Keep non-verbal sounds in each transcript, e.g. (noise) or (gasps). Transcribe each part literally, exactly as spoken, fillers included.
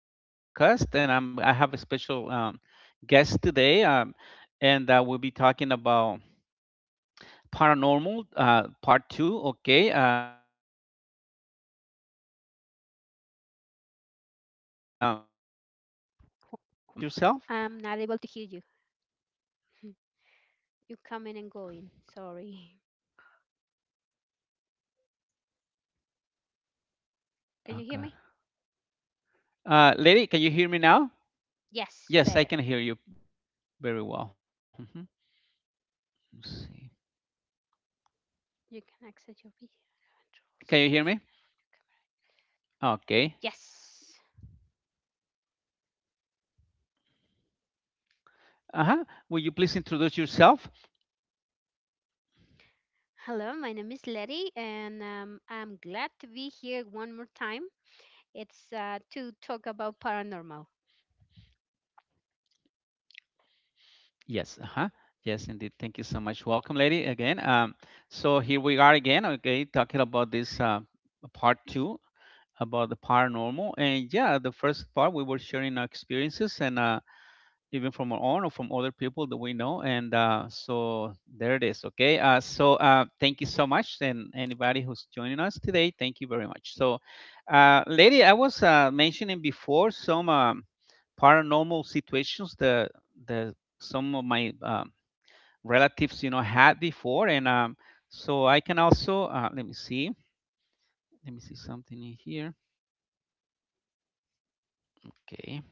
on my podcast, and I'm I have a special um, guest today, um, and uh, we'll be talking about paranormal uh, part two. Okay, uh, um, yourself. I'm not able to hear you. Hmm. You coming and going. Sorry. Oh God, Can you hear me? uh, lady, can you hear me now? Yes, I can hear you Yes, very better. well. Mhm. Let's see. You can access your Can video you hear me? controls and sign up for your camera. Okay. Yes. Uh huh. Will you please introduce yourself? Hello, my name is Letty, and um, I'm glad to be here one more time. It's uh, to talk about paranormal. Yes, uh-huh. Yes, indeed. Thank you so much. Welcome, lady, again. Um, so here we are again, okay, talking about this uh, part two about the paranormal. And yeah, the first part we were sharing our experiences, and uh, even from our own or from other people that we know. And uh, so there it is, okay. Uh, so uh, thank you so much. And anybody who's joining us today, thank you very much. So, uh, lady, I was uh, mentioning before some. Um, paranormal situations that that some of my um, relatives, you know, had before, and um, so I can also, uh, let me see, let me see something in here. Okay.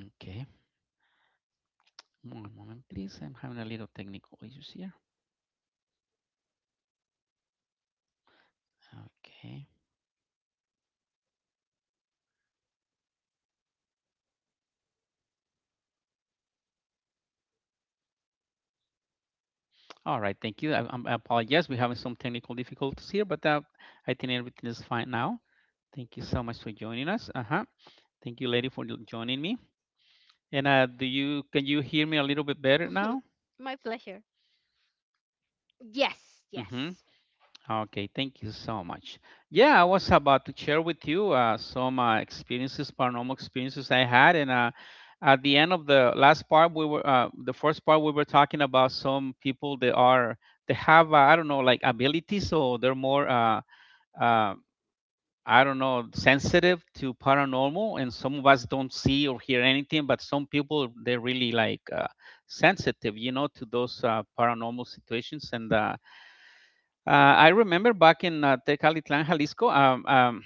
okay One moment, please, I'm having a little technical issues here. Okay, all right, thank you. I, i apologize, we're having some technical difficulties here, but uh, I think everything is fine now. Thank you so much for joining us. Uh-huh. Thank you, lady, for joining me. And uh, do you can you hear me a little bit better (laughs) now? My pleasure. Yes, Mm-hmm. yes. Okay, thank you so much. Yeah, I was about to share with you uh, some uh, experiences, paranormal experiences I had, and uh, at the end of the last part, we were uh, the first part we were talking about some people that are, they have uh, I don't know, like, abilities, so they're more uh, uh, I don't know, sensitive to paranormal, and some of us don't see or hear anything, but some people they're really like uh, sensitive, you know, to those uh, paranormal situations, and uh, uh, I remember back in uh, Tecalitlán, Jalisco. um, um,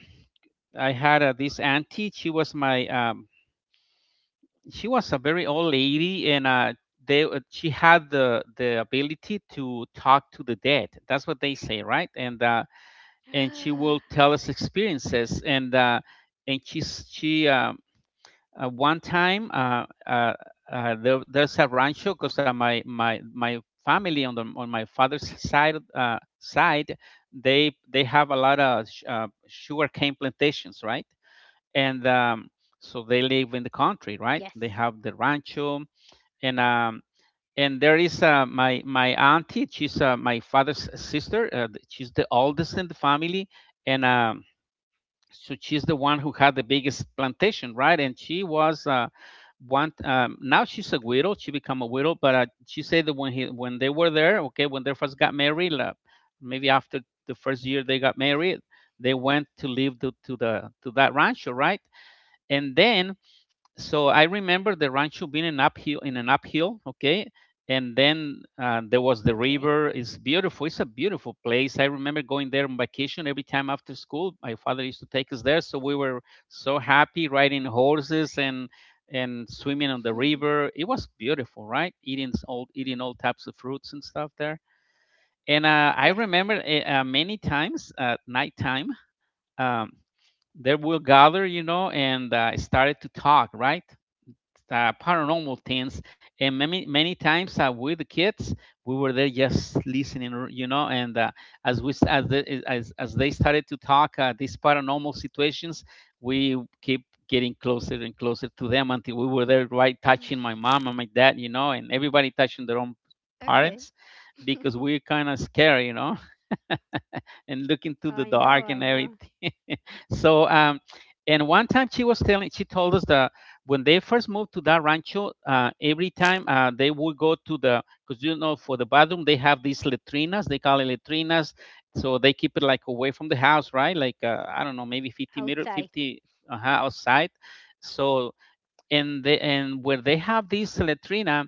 I had uh, this auntie. She was my, um, she was a very old lady, and uh, they, uh, she had the the ability to talk to the dead. That's what they say, right? And uh, and she will tell (gasps) us experiences, and uh, and she she um, uh, one time, uh, uh, uh, there, there's a rancho, because uh, my my my family on the on my father's side, uh, side, they they have a lot of sh- uh, sugarcane plantations, right. And um, so they live in the Yes. country, right, they have the rancho. And um and there is uh, my my auntie. She's uh, my father's sister, uh, th- she's the oldest in the family, and um so she's the one who had the biggest plantation, right? And she was, uh, one. Um, now she's a widow. She become a widow, but uh, she said that when he when they were there, okay, when they first got married, uh, maybe after the first year they got married, they went to live to, to the to that rancho, right? And then, so I remember the rancho being an uphill in an uphill, okay, and then uh, there was the Okay. river. It's beautiful. It's a beautiful place. I remember going there on vacation every time after school. My father used to take us there, so we were so happy riding horses and and swimming on the river. It (laughs) was beautiful, right? Eating, s- all eating all types of fruits and stuff there. And uh, I Yes. remember, uh, uh, many times at nighttime, um, they will gather, you know, and uh, started to talk, right, uh, paranormal things. And many many times uh, with the kids we were there just listening, you know, and uh, as we as, the, as as they started to talk, uh, these paranormal situations, we keep getting closer and closer to them until we were there, right, touching my (laughs) mom and my dad, you know, and everybody touching their own parents Okay. because we're kind of scared, you know, (laughs) and looking to the (laughs) I dark and know, I everything. know. So um, and one time she was telling, she told us that when they first moved to that rancho, uh, every time uh, they would go to the, because, you know, for the bathroom they have these letrinas, they call it letrinas, so they keep it like away from the house, right? Like, uh, I don't know, maybe fifty meter, Outside. fifty uh, outside. So, and they, and where they have this latrina,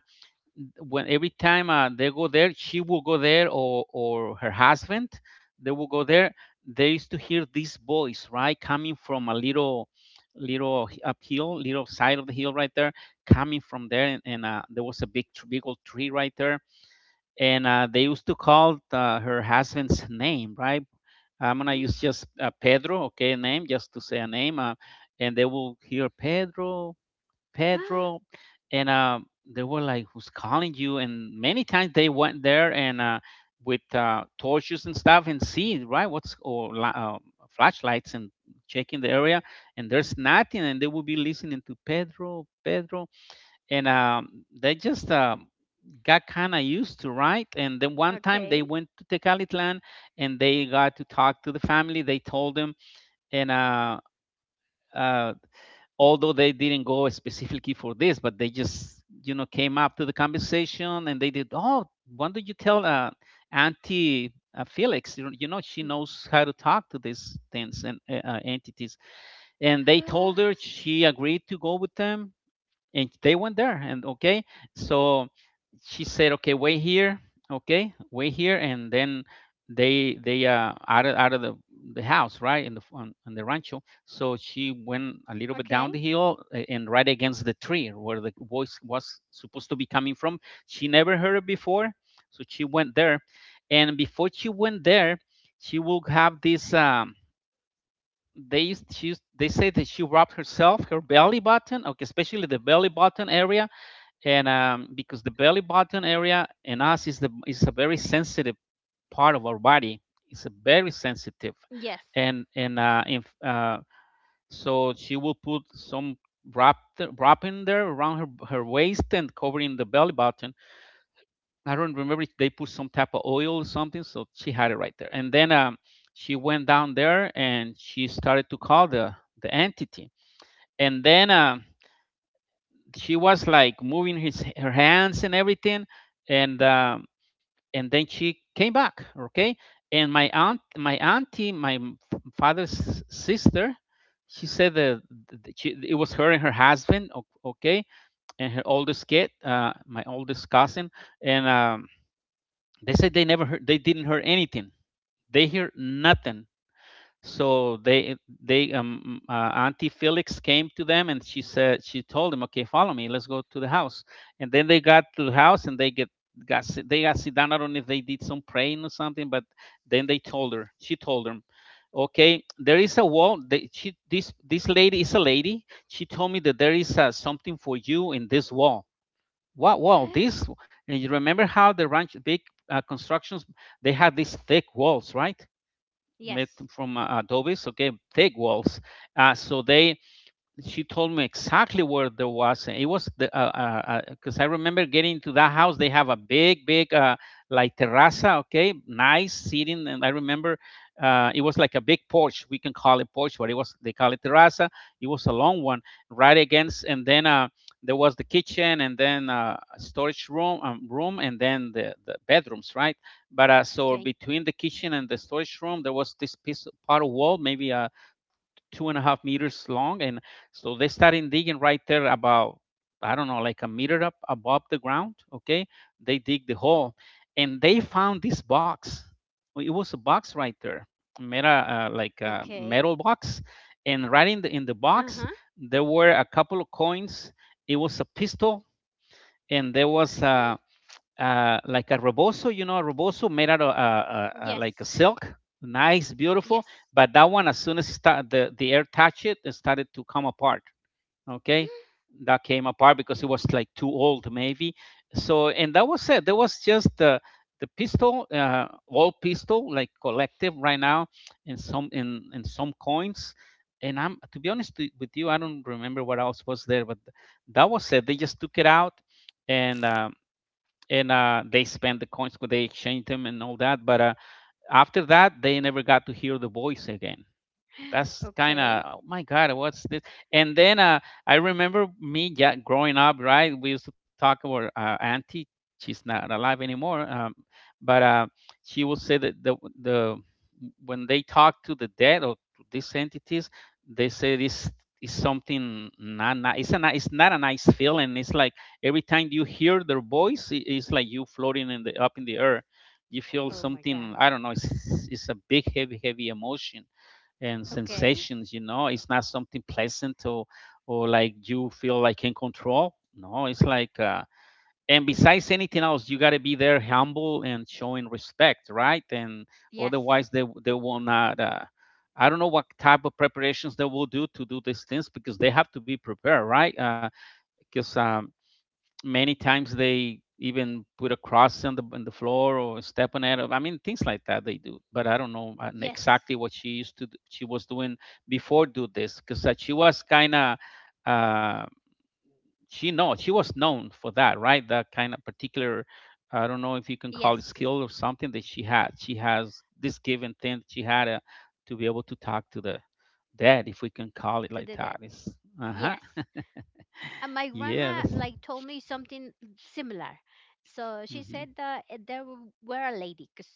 when every time uh, they go there, she will go there, or or her husband, they will go there. They used to hear this voice, right, coming from a little, little uphill, little side of the hill right there, coming from there, and, and uh, there was a big big old tree right there, and uh, they used to call uh, her husband's name, right. I'm gonna use Mm. just uh, Pedro, okay, name, just to say a name, uh, and they will hear Pedro, Pedro, and um, they were like, "Who's calling you?" And many times they went there and, uh, with uh, torches and stuff, and see, right, what's, or la- uh, flashlights, and checking the area, and there's nothing, and they would be listening to Pedro, Pedro, and um, they just um got kind of used to, right. And then one time (gasps) they went Okay. to Tecalitlan, and they got to talk to the family. They told them. And Uh, uh, although they didn't go specifically for this, but they just, you know, came up to the conversation, and they did. Oh, why don't you tell uh, Auntie uh, Felix? You know, you know, she knows how to talk to these things and uh, uh, entities. And they told her, (gasps) she agreed to go with them, and they went there. And okay, so she said, okay, wait here, okay, wait here. And then they they uh out of out of the the house, right, in the, on, on the rancho, so she went a little bit Okay. down the hill, a- and right against the tree where the voice was supposed to be coming from. She never heard it before, so she went there. And before she went there, she will have this, um they used, she used, they say that she rubbed herself, her belly button, okay, especially the belly button area. And um, because the belly button area in us is the is a very sensitive part of our body. It's a very sensitive, Yes. and and uh, if, uh, so she will put some wrap, th- wrapping there around her her waist and covering the belly button. I don't remember if they put some type of oil or something, so she had it right there. And then, um, she went down there and she started to call the the entity. And then, Uh, she was like moving his her hands and everything, and um, and then she came back, okay. And my aunt my auntie, my father's sister, she said that, she, it was her and her husband, okay, and her oldest kid, uh, my oldest cousin. And um, they said they never heard, they didn't hear anything. They hear nothing. So they, they um uh, Auntie Felix came to them and she said, she told them, okay, follow me, let's go to the house. And then they got to the house, and they get got sit- they got sit down. I don't know if they did some praying or something, but then they told her she told them, okay, there is a wall. They, she, this this lady, is a lady, she told me that there is uh, something for you in this wall. What wall, this (gasps) w-" And you remember how the ranch, big uh, constructions, they had these thick walls, right, made Yes. from uh, Adobe, so, okay, thick walls. Uh, so they, she told me exactly where there was. It was the, because uh, uh, uh, I remember getting to that house. They have a big, big, uh, like, terraza. Okay, nice seating. And I remember uh, it was like a big porch. We can call it porch, but it was, they call it terraza. It was a long one, right against, and then uh, there was the kitchen, and then uh, a storage room, um, room, and then the, the bedrooms, right? But uh, so Okay. between the kitchen and the storage room, there was this piece of part of wall, maybe a two and a half meters long. And so they started digging right there, about, I don't know, like a meter up above the ground. Okay. They dig the hole, and they found this box. It was a box right there, meta, uh, like a Okay. metal box. And right in the, in the Uh huh. box, there were a couple of coins. It was a pistol and there was a, uh, like a rebozo, you know, a rebozo made out of uh, uh, uh, like a Yes. silk, nice, beautiful. Yes. But that one, as soon as start, the the air touched it, it started to come apart. Okay, that came apart because it was like too old, maybe. So and that was it. There was just the the pistol, uh, all pistol, like collective right now, in some in in some coins. And I'm to be honest with you, I don't remember what else was there, but that was it. They just took it out and uh, and uh, they spent the coins, 'cause they exchanged them and all that. But uh, after that, they never got to hear the voice again. (gasps) That's kind of, Okay. oh my god, what's this? And then uh, I remember me, yeah, growing up, right, we used to talk about uh, auntie. She's not alive anymore, um, but uh, she would say that the, the when they talk to the dead or to these entities, they say this is something not, not it's, a, ni- it's not a nice feeling. It's like every time you hear their voice, i- it's like you floating in the up in the air, you feel Oh my God. something, I don't know. It's, it's a big, heavy, heavy emotion and Okay. sensations, you know it's not something pleasant, or or like you feel like in control. No, it's like, uh, and besides anything else, you got to be there humble and showing respect, right? And Yes. otherwise, they they will not, uh, I don't know what type of preparations they will do to do these things, because they have to be prepared, right? Because uh, 'cause, um, many times they even put a cross on the on the floor or step on it. I mean, things like that they do. But I don't know uh, Yes. exactly what she used to do, she was doing before do this, because uh, she was kind of, uh, she know she was known for that, right? That kind of particular, I don't know if you can call it Yes. skill or something that she had. She has this given thing that she had, uh, to be able to talk to the dead, if we can call it To like the dead. that. It's uh huh. Yes. And my Yeah. grandma That's. like told me something similar. So she Mhm. said that uh, there w- were a lady, because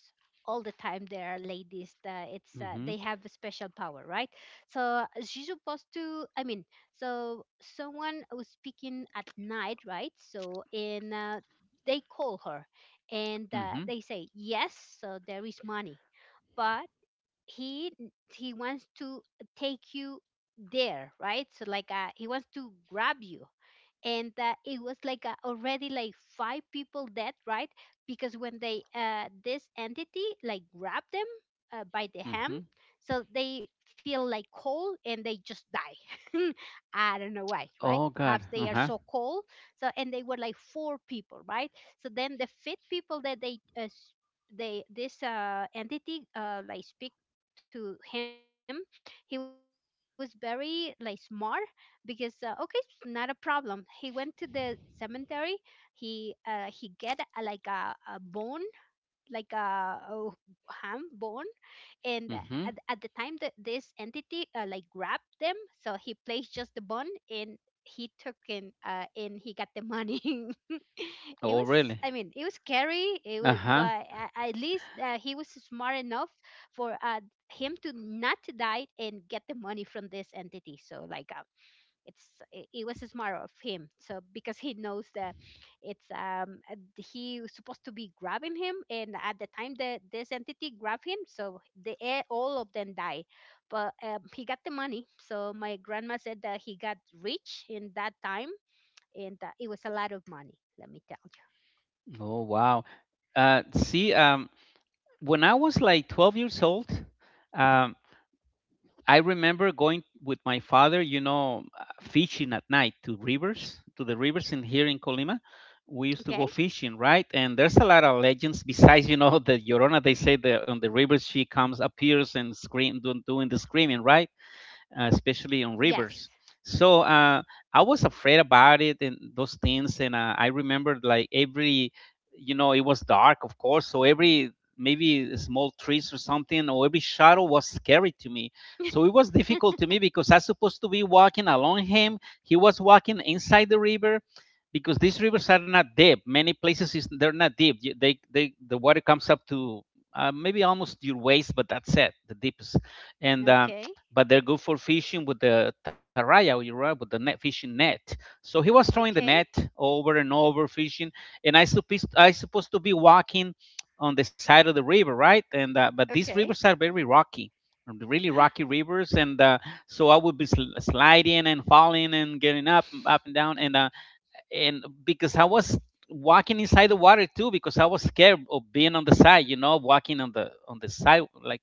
all the time there are ladies that it's uh, they Mhm. have a special power, right. So uh, she's supposed to, I mean, so someone was speaking at night, right, so and uh, they call her, and uh, Mhm. they say yes. So there is money, but he he wants to take you there, right, so like, uh, he wants to grab you. And uh, it was like, uh, already like five people dead, right, because when they uh, this entity like grabbed them uh, by the hand, Mhm. so they feel like cold and they just die. (laughs) I don't know why. Right, Oh god, perhaps they are uh-huh, so cold. So and they were like four people, right. So then the fifth people that they uh, s- they this uh entity uh like speak to him. He was very like smart, because, uh, okay, it's not a problem. He went to the cemetery. He uh, he get, uh, like a, a bone, like a, uh ham bone. And mhm. at, at the time that this entity uh, like grabbed them, so he placed just the bone and he took in uh and he got the money. (laughs) It Oh, was, really? I mean, it was scary. It was, Uh-huh. but a- at least, uh, he was smart enough for uh him to not to die and get the money from this entity, so like, uh, it's it, it was smart of him, so because he knows that it's um uh, he was supposed to be grabbing him, and at the time that this entity grabbed him, so they eh, all of them die, but, um, he got the money. So my grandma said that he got rich in that time, and uh, it was a lot of money, let me tell you. Oh, wow. Uh, see, um, when I was like twelve years old, um, I remember going with my father, you know, uh, fishing at night to rivers, to the rivers in here in Colima. We Okay. used to go fishing, right? And there's a lot of legends besides, you know, the Llorona. They say that on the rivers she comes, appears, and scream, doing, doing the screaming, right? Uh, especially on rivers. Yes. So, uh, I was afraid about it and those things, and uh, I remembered like every, you know, it was dark, of course. So every maybe small trees or something, or every shadow, was scary to me. So it was difficult to me, because I was supposed to be walking along him. He was walking inside the river, because these rivers are not deep. Many places is, they're not deep. You- They, they the water comes up to, uh, maybe almost your waist, but that's it, the deepest. And um, Okay. but they're good for fishing with the taraya, you right, with the net, fishing net. So he was throwing the net Okay. over and over, fishing, and I supposed I supposed to be walking on the side of the river, right? And uh, but these rivers are Okay. very rocky, really rocky rivers, (gasps) and uh, so I would be sl- sliding and falling and getting up, up and down, and uh, and because I was walking inside the water too, because I was scared of being on the side, you know walking on the on the side, like,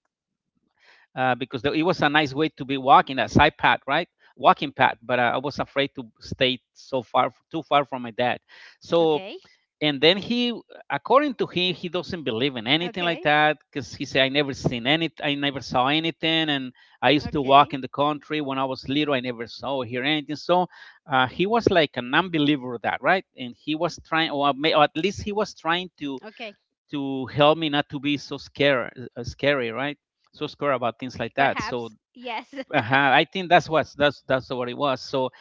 uh, because there, it was a nice way to be walking that side path, right? Walking path. But uh, I was afraid to stay so far, too far from my Okay. dad. So, and then he, according to him, he doesn't Okay. believe in anything like that, because he said, I never seen any, I never saw anything. And I Okay. used to walk in the country when I was little, I never saw or hear anything." So, uh, he was like an unbeliever of that, right? And he was trying, or at least he was trying to Okay. to help me not to be so scared, uh, scary, right? So scared about things like that. Perhaps So, yes. (laughs) uh-huh, I think that's what, that's that's what it was. So,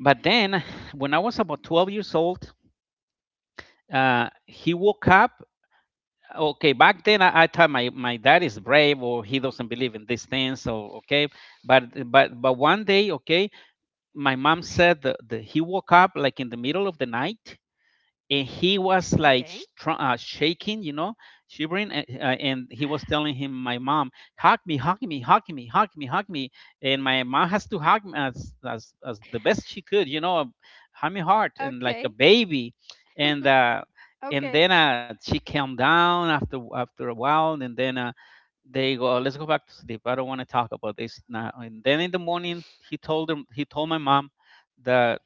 but then when I was about twelve years old, uh, he woke up. Okay, back then, I, I thought my, my dad is brave, or he doesn't believe in these things. So, okay. But but but one day, okay, my mom said that, that he woke up like in the middle of the night, and he was like sh- Okay. tr- uh, shaking, you know, shivering. And, uh, and he was telling him, "My mom, hug me, hug me, hug me, hug me, hug me," and my mom has to hug me as as, as the best she could, you know, hug me hard and like a Okay. baby. And uh, and then Okay. uh, she calmed down after after a while, and then uh, they go, "Let's go back to sleep. I don't want to talk about this now." And then in the morning, he told him, he told my mom that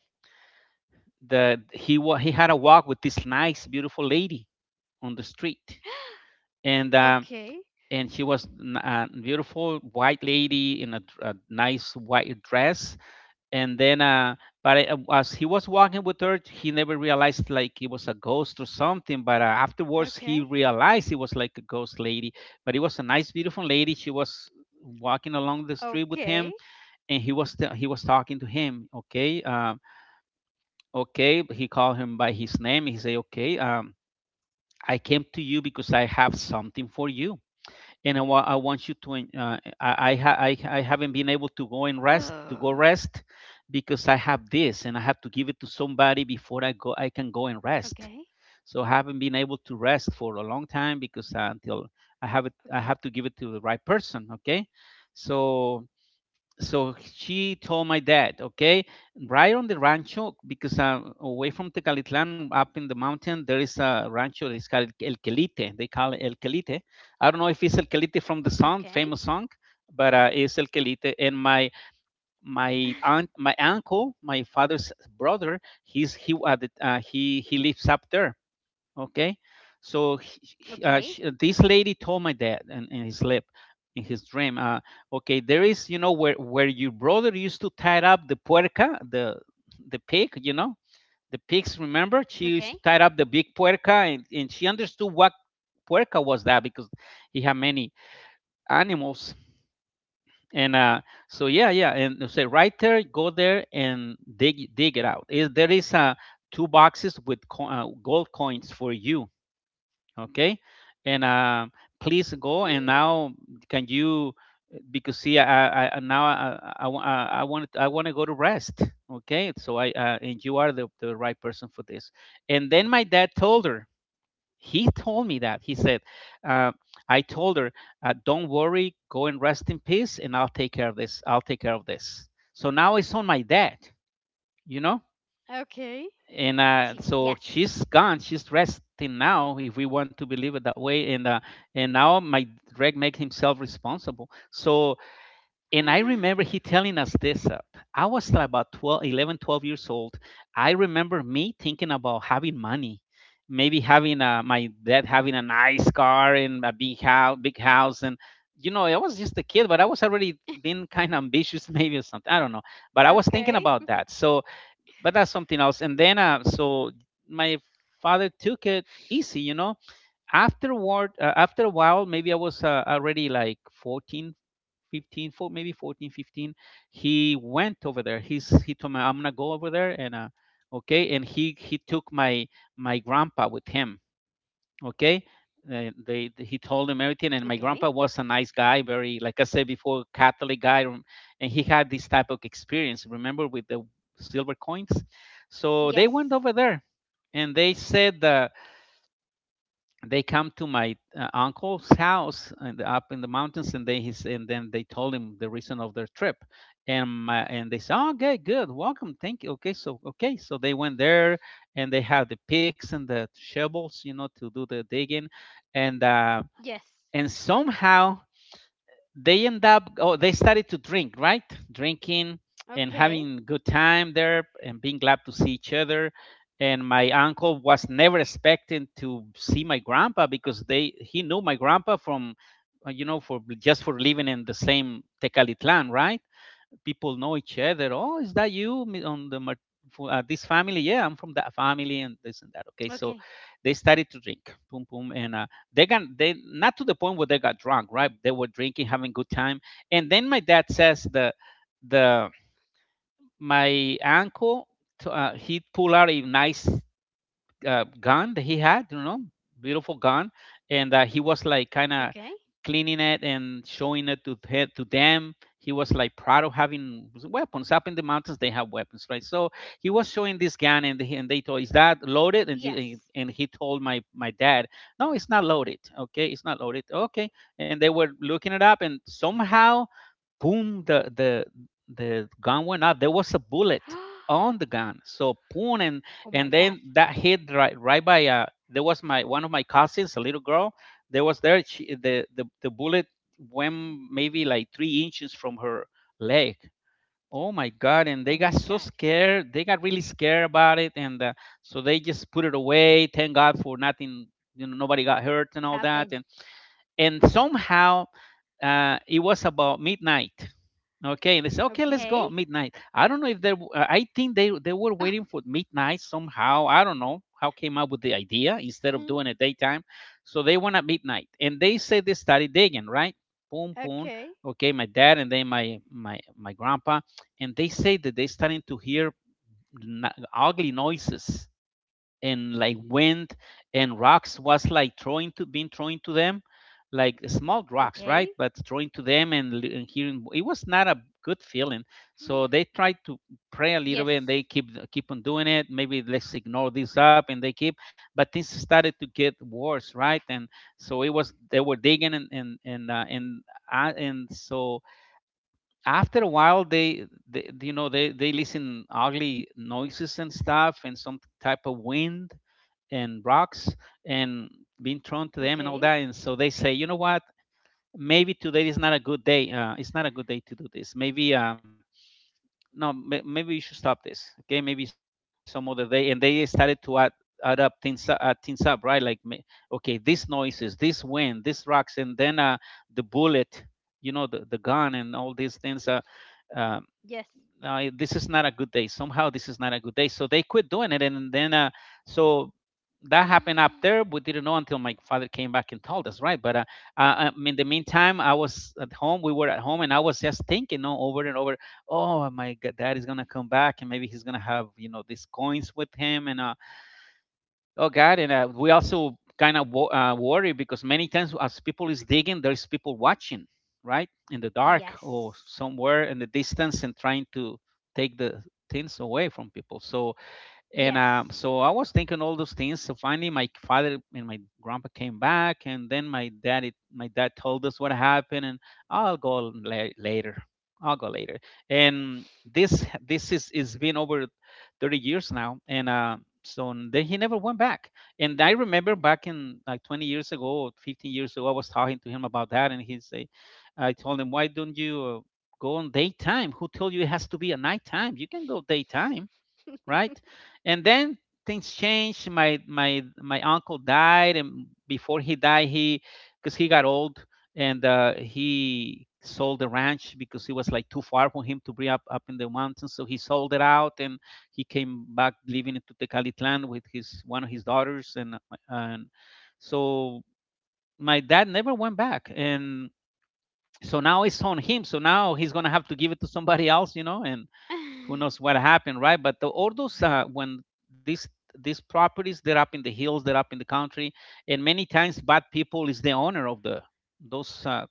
that he wa- he had a walk with this nice, beautiful lady on the street, (gasps) and um, Okay. and she was n- a beautiful white lady in a, dr- a nice white dress. And then, uh, but uh, as he was walking with her, he never realized like it was a ghost or something. But uh, afterwards, he Okay. realized it was like a ghost lady. But it was a nice, beautiful lady. She Okay. was walking along the street with him, and he was t- he was talking to him. Okay. Uh, okay, he called him by his name. He said, "Okay, um I came to you because I have something for you, and i, wa- I want you to en- uh, I, I ha- I I haven't (gasps) been (sighs) able to go and rest, to go rest, because I have this and I have to give it to somebody before i Okay. go I can go and rest. So I haven't been able to rest for a long time, because uh, until Okay. I have it, I have to give it to the right person. Okay?" So, so she told my dad, "Okay, right on the rancho, because I'm away from Tecalitlan, up in the mountain, there is a rancho that is called El Quelite." They call it El Quelite. I don't know if it's El Quelite from the Okay. song, famous song, but uh, it's El Quelite. And my (laughs) my aunt, my uncle, my father's brother, he's he uh, the- uh, he he lives up there. Okay. So he, he- Okay. uh, sh this lady told my dad in, in his sleep, in his dream, uh, "Okay, there is, you know where where your brother used to tie up the puerca, the the pig, you know the pigs, remember, she Okay. used to tie up the big puerca." And, and she understood what puerca was that, because he had many animals. And uh so, yeah, yeah, and they say, "Right there, go there and dig dig it out. Is There is, uh two boxes with co- uh, gold coins for you. Okay?" And uh, "Please (gasps) go. And now, can you, eh, because see, i, I I- now I, I, I I want i want to go to rest. Okay? So I uh, and you are the, the right person for this." And then my dad told her, he (laughs) told me that he said, uh, "I told her, uh, don't worry, go and rest in peace, and I'll take care of this, I'll take care of this." So now it's on my dad you know Okay. and uh, Sí. so Yes. she's gone, she's resting now, if we want to believe it that way. And uh, and now my Greg makes himself responsible. So, and I (gasps) remember he (sighs) telling us this, uh, I was about twelve, eleven, twelve years old. I remember me thinking about having money, maybe having uh, my dad having a nice car and a big house, big house. And, you know I was just a kid, but I was already being kind of Okay. ambitious (laughs) maybe or something, I don't know. But I was thinking about that, so. But that's something else. And then, uh, so my father took it easy, you know. Afterward, uh, after a while, maybe I was, uh, already like fourteen, fifteen, four, maybe fourteen, fifteen. He went over there. He's he told me, "I'm gonna go over there and uh, okay." And he he took my my grandpa with him. Okay. Uh, they, th- he told him Okay. everything. And my grandpa was a nice guy, very, like I said before, Catholic guy, um, and he had this type of experience, remember, with the silver coins. So they went Yes. over there, and they said that they come to my uh, uncle's house and up in the mountains, and they his, and then they told him the reason of their trip. And my, and they said, "Oh, okay, good, welcome, thank you, okay." So, okay, so they went there, and they have the picks and the shovels, you know, to do the digging. and uh Yes. and somehow they end up, oh, they started to drink, right? Drinking and having Okay. a good time there and being glad to see each other. And my uncle was never expecting to see my grandpa, because they he knew my grandpa from, uh, you know, for just for living in the same Tecalitlan, right? People know each other. "Oh, is that you on the Mar- fo- uh, this family?" "Yeah, I'm Okay. from that family and this and that. Okay." So they started to drink, boom, boom, and uh, they got, they, not to the point where they got drunk, right? They were drinking, having good time, and then my dad says, the the my uncle, t- uh, he pulled out a nice uh, gun that he had, you know, beautiful gun, and uh, Okay. he was like kind of cleaning it and showing it to the- to them. He was like proud of having weapons up in the mountains. They have weapons, right? So he was showing this gun, and he- and they told, "Is that Yes. loaded?" And you- and and he told my my dad, "No, it's not loaded. Okay, it's not loaded. Okay." And they were looking it up, and somehow boom, the the the gun went up. There was a (gasps) Oh bullet on the gun. So boom. and my God. and then that hit right, right by, uh, there was my, one of my cousins, a little girl. There was there she, the the the bullet went maybe like three inches from her leg. Oh my God! Oh And my they got God. so scared. They got really scared about it, and uh, so they just put it away. Thank God for nothing. You know, nobody got hurt and all that. Happen. And and somehow, uh, it was about midnight. Okay, and they said, okay, let's go Okay. midnight. I don't know if they, w- uh, I think they they were waiting for midnight somehow. I don't know how came up with the idea instead of doing it (laughs) daytime. So they Okay. went at midnight, and they said they started digging, right? Boom, boom. Okay, my dad, and then my my my grandpa, and they say that they starting to hear n- ugly noises and like wind, and rocks was like throwing, to being thrown to Okay. them, like small rocks, right, but throwing to them. And, and hearing it was (gasps) not a good feeling. So Yes. they tried to pray a little bit, and they keep, keep on doing it, maybe let's ignore this up, and they keep. But things started to get worse, right? And so it was, they were digging, and and and uh, and, uh, and so after a while, they, they, you know, they they listen ugly noises and stuff, and some type of wind and rocks and being thrown to Okay. them and all that. And so they say, you know what? Maybe today is not a good day. Uh, it's not a good day to do this. Maybe, uh, no, may- maybe you should stop this. Okay, maybe some other day. And they started to add, add up things, u- add things up, right? Like, ma-, okay, these noises, this wind, these rocks, and then uh, the bullet, you know, the, the gun and all these things. Uh, uh, Yes. no, eh, this is not a good day. Somehow this is not a good day. So they quit doing it, and then uh, so that happened up there. We didn't know until my father came back and told us, right? But uh, uh, um, In the meantime, I was at home. We were at home, and I was just thinking, you know, over and over. Oh my God, Dad is gonna come back, and maybe he's gonna have, you know, these coins with him, and uh, oh God. And uh, We also kind of wo- uh, worry, because many times as people is digging, there's people watching, right, in the dark or Yes. somewhere in the distance and trying to take the things away from people. So and um, Yes. So I was thinking all those things. So finally, my father and my grandpa came back, and then my dad, it, my dad told us what happened, and I'll go la- later. I'll go later. And this this is is been over thirty years now, and uh, so then he never went back. And I remember back in like twenty years ago, fifteen years ago, I was talking to him about that, and he say, I told him, why don't you uh, go on daytime? Who told you it has to be a nighttime? You can go daytime, right? And then things changed. My my my uncle died, and before he died, he, because he got old, and uh, he sold the ranch because it was like too far for him to bring up, up in the mountains. So he sold it out, and he came back living into Tecalitlan with his one of his daughters. And and so my dad never went back, and so now it's on him. So now he's gonna have to give it to somebody else, you know, and who knows (laughs) what happened, right? But the, all those, uh, when these these properties, they're up in the hills, they're up in the country, and many times bad people is the owner of the those, uh,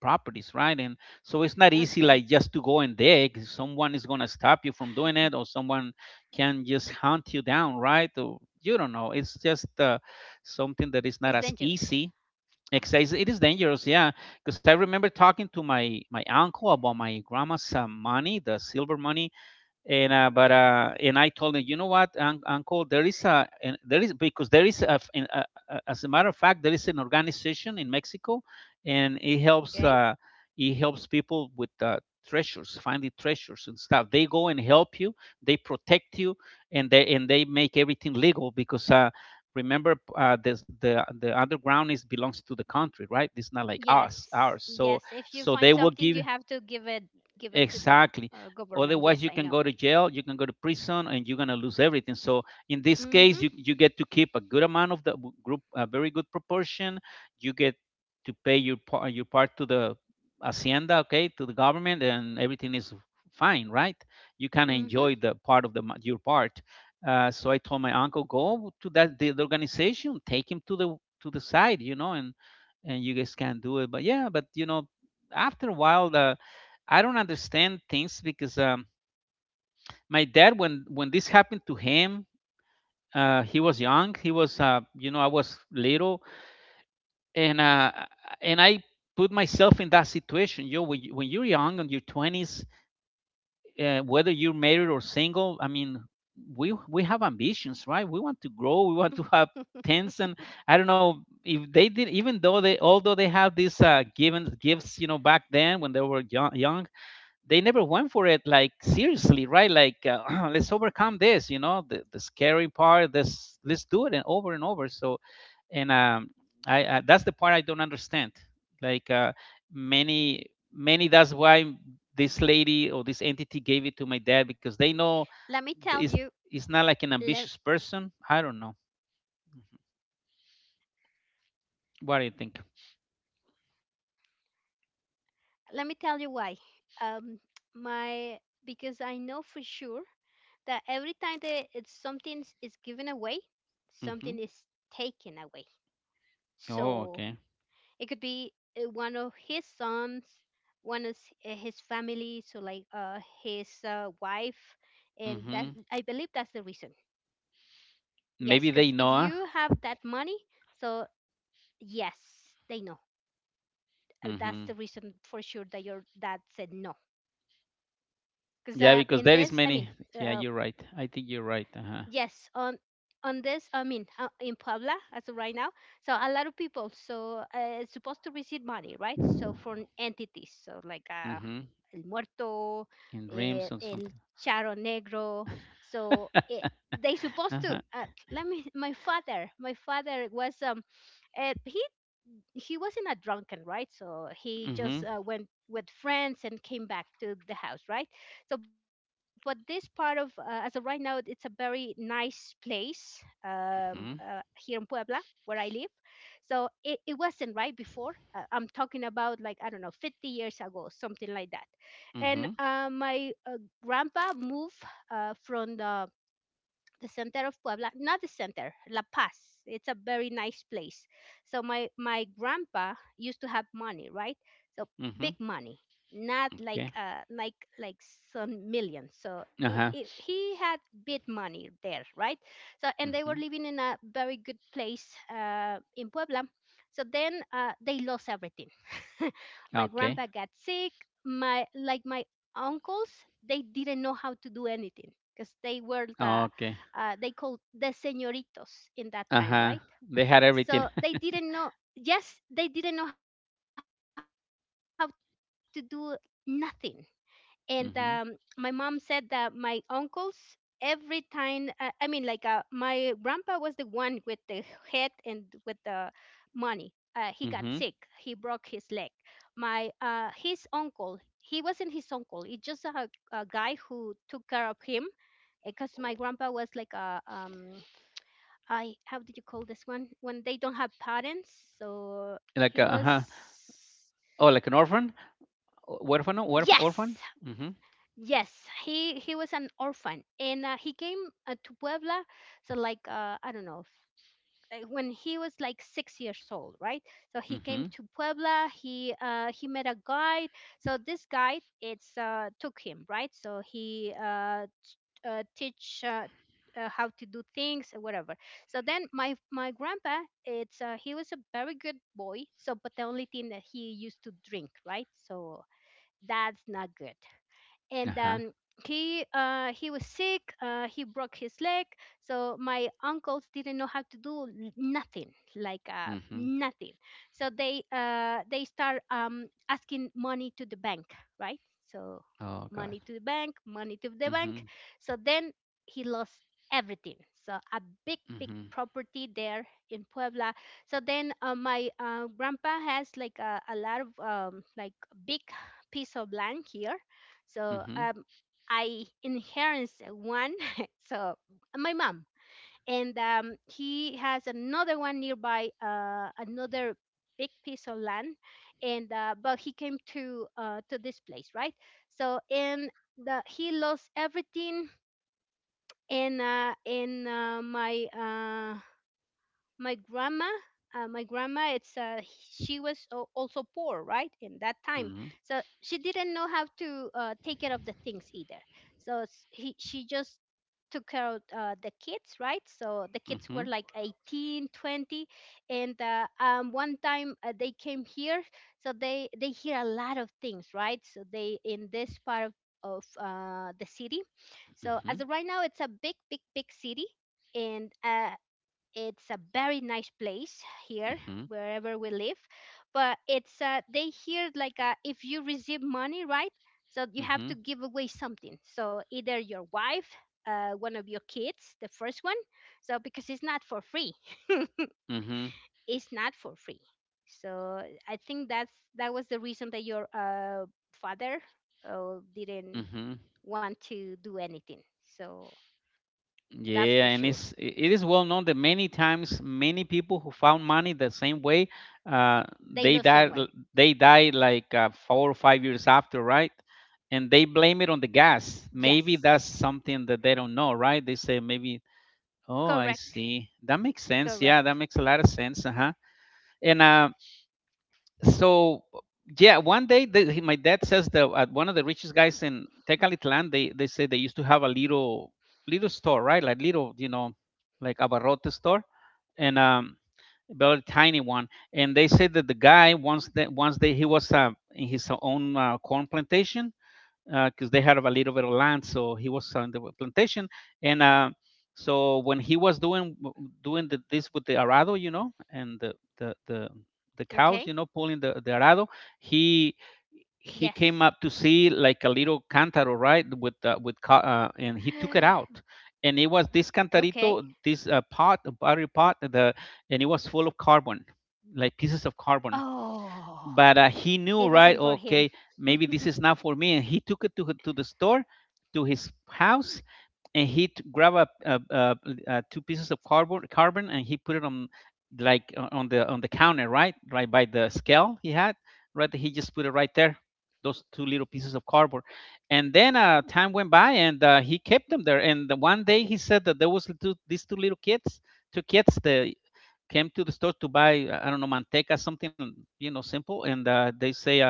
properties, right? And so it's not easy like Okay. just to go and dig. Someone is gonna stop you from doing it, or someone can just hunt you down, right? Or you don't know. It's just uh, something that is not as It's easy. dangerous. Except it is dangerous, yeah. Because I remember talking to my my uncle about my grandma's uh, money, the silver money, and uh, but uh, and I told him, you know what, Uncle, there is a, and there is, because there is a, f- a- a- as a matter of fact, there is an organization in Mexico, and it helps, Okay? uh, it helps people with, uh, treasures, finding treasures and stuff. They go and help you, they protect you, and they and they make everything legal because. Uh, Remember, uh, this, the the underground is belongs to the country, right? It's not like us, ours. Yes. So, Yes, if so you they will find give, something you have to give it give it to the exactly. uh, Otherwise, government. you Yes, can I go to know. jail, you can go to prison, and you're gonna lose everything. So in this case, you Mhm. you get to keep a good amount of the w- group, a very good proportion. You get to pay your part, your part, to the hacienda, okay, to the government, and everything is fine, right? You can enjoy Mhm. the part of the mo- your part. Uh, so I told my uncle, go to that the, the organization, take him to the, to the side, you know, and and you guys can do it. But yeah, but you know, after a while, the, I don't understand things because, um, my dad, when when this happened to him, uh, he was young. He was, uh, you know, I was little, and uh, and I put myself in that situation. You know, when, you- when you're young and your twenties, uh, whether you're married or single, I mean, we we have ambitions, right? We want to grow. We want to have tens. And (laughs) I don't know if they did, even though they, although they have these, uh, given gifts, you know, back then when they were young, young, they never went for it like seriously, right? Like, uh, (clears throat) let's overcome this, you know, the, the scary part this, let's do it, and over and over. So and um i, I, that's the part I don't understand. Like, uh, many many, that's why this lady Let or me this tell entity you. gave it to my dad, because they let, know th- it's it's not like an ambitious person, I don't know. What do you think? let me tell you why. Um my Because I know for sure that every time that it's something is given away, something is taken away. Mm-hmm. So it could be Oh, uh, one okay. of his sons, one is uh, his family, so like, uh his uh, wife, and that, I believe that's the reason. Mm-hmm. Yes, because if you have Maybe that they know, money, huh? so yes, they know. Uh, That's the reason for Mm-hmm. sure that your dad said no. Because, uh, in Yeah, this, I because mean, there is uh, many. Yeah, you're right. I think you're right. Uh huh. Yes, on on this, I mean, uh, in Puebla as of right now, so a lot of people so, uh, supposed to receive money, right? So from entities, so like, uh, Mm-hmm. el muerto, In eh, dreams or el something. charro negro. So it, they Uh supposed to. huh. Uh, let me. (laughs) My father, my father was um, uh, he he wasn't a drunken, right? So he Mm-hmm. just uh, went with friends and came back to the house, right? So, but this part of, uh, as of right now, it's a very nice place, um, uh, Mm-hmm. here in Puebla where I live. So it, it wasn't right before. Uh, I'm talking about like, I don't know, fifty years ago, something like that. And Mm-hmm. uh, my uh, grandpa moved, uh, from the the center of Puebla, not the center, La Paz. It's a very nice place. So my my grandpa used to have money, right? So Mm-hmm. big money, not like, Okay. uh like like some millions. So Uh it, huh. it, he had big money there, right? So and they were Mm-hmm. living in a very good place uh, in Puebla. So then uh, they lost everything. (laughs) My grandpa Okay. got sick. My, like, my uncles, they didn't know how to do anything because they were the Okay. uh, they called the señoritos in that Uh time, huh. right? They had everything. So they didn't know. Yes, they didn't know how to do nothing. And um, my mom said that my (laughs) Mm-hmm. uncles every time hit and with the money, uh, he got sick. He broke his leg. Mm-hmm. My uh, His uncle. He wasn't his uncle. It's just a, a guy who took care of him, because my grandpa was like a, um, I, how did you call this one when they don't have parents? So he was. Like, uh huh. Oh, like an orphan. O- orphan, orphan, Yes, orphan. Mm-hmm. yes. He he was an orphan, and uh, he came uh, to Puebla. So like, uh, I don't know. f- uh, When he was like six years old, right? So he came Mm-hmm. to Puebla. He uh, he met a guide. So this guide, it's uh, took him, right? So he, uh, uh, teach, uh, uh, how to do things or whatever. So then my my grandpa, it's uh, he was a very good boy. So but the only thing that he used to drink, right? So that's not good. Uh And huh. um, he uh, he was sick. Uh, he broke his leg, so my uncles didn't know how to do n- nothing, like, uh, Mm-hmm. nothing. So they uh, they start, um, asking money to the bank, right? So Oh God. money to the bank, money to the bank. Mm-hmm. So then he lost everything. So a big, big Mm-hmm. property there in Puebla. So then uh, my uh, grandpa has like a, a lot of, um, like, big piece of land here, so, Mm-hmm. um, I inherits one. (laughs) So my mom, and um, he has another one nearby, uh, another big piece of land, and uh, but he came to uh, to this place, right? So and the he lost everything, and uh, and uh, my uh, my grandma uh, my grandma, it's uh, she was al- also poor, right, in that time. Mm-hmm. So she didn't know how to uh, take care of the things either. So s- he, she just took care of uh, the kids, right. So the kids Mm-hmm. were like eighteen, twenty, and uh, um, one time uh, they came here. So they they hear a lot of things, right, so they in this part of of uh, the city. So Mm-hmm. as of right now it's a big, big, big city, and uh, it's a very nice place here, wherever we live. But it's uh, they here like, uh, if you receive money, right? So you have Mm-hmm. to give away something. So either your wife, uh, one of your kids, the first one. So because it's not for free, Mm-hmm. it's not for free. So I think that's that was the reason that your uh, father uh, didn't Mm-hmm. want to do anything. So that's Yeah, for and sure. it's i- it is well known that many times many people who found money the same way, uh, they They lost died l- someone. they died like uh, four or five years after, right? And they blame it on the gas. Yes. Maybe that's something that they don't know, right? They say maybe, oh, Correct. I see, that makes sense. Correct. Yeah, that makes a lot of sense. Uh huh. And um so yeah one day the, he, my dad says that at one of the richest guys in Tecalitlan they they say they used to have a little little store, right? Like little, you know, like abarrote store, and um very tiny one. And they said that the guy, once that once, they he was uh, in his own uh, corn plantation because uh, they had a little bit of land, so he was on the plantation. And uh, so when he was doing doing the, this with the arado, you know, and the the the, the cows, you Okay. know, pulling the, the arado, he he came Yes. up to (gasps) see like a little cantaro, right? With uh, with uh, and he took it out, (sighs) and it was this cantarito, Okay. this uh, pot, a battery pot, the and it was full of carbon, like pieces of carbon. But uh, Oh, he knew, right? it Okay, wasn't for him. maybe this is not for me. And he took it to, h- to the store, to his house, and he t- grabbed a, a, a, a two pieces of cardboard carbon, and he put it on like o- on the, on the counter, right, right by the scale he had, right? He just put it right there, those two little pieces of cardboard. And then uh, time went by, and uh, he kept them there. And the one day, he said that there was two, these two little kids, two kids, the came to the store to buy, uh, I don't know, manteca, something, you know, simple. And uh, they say, uh,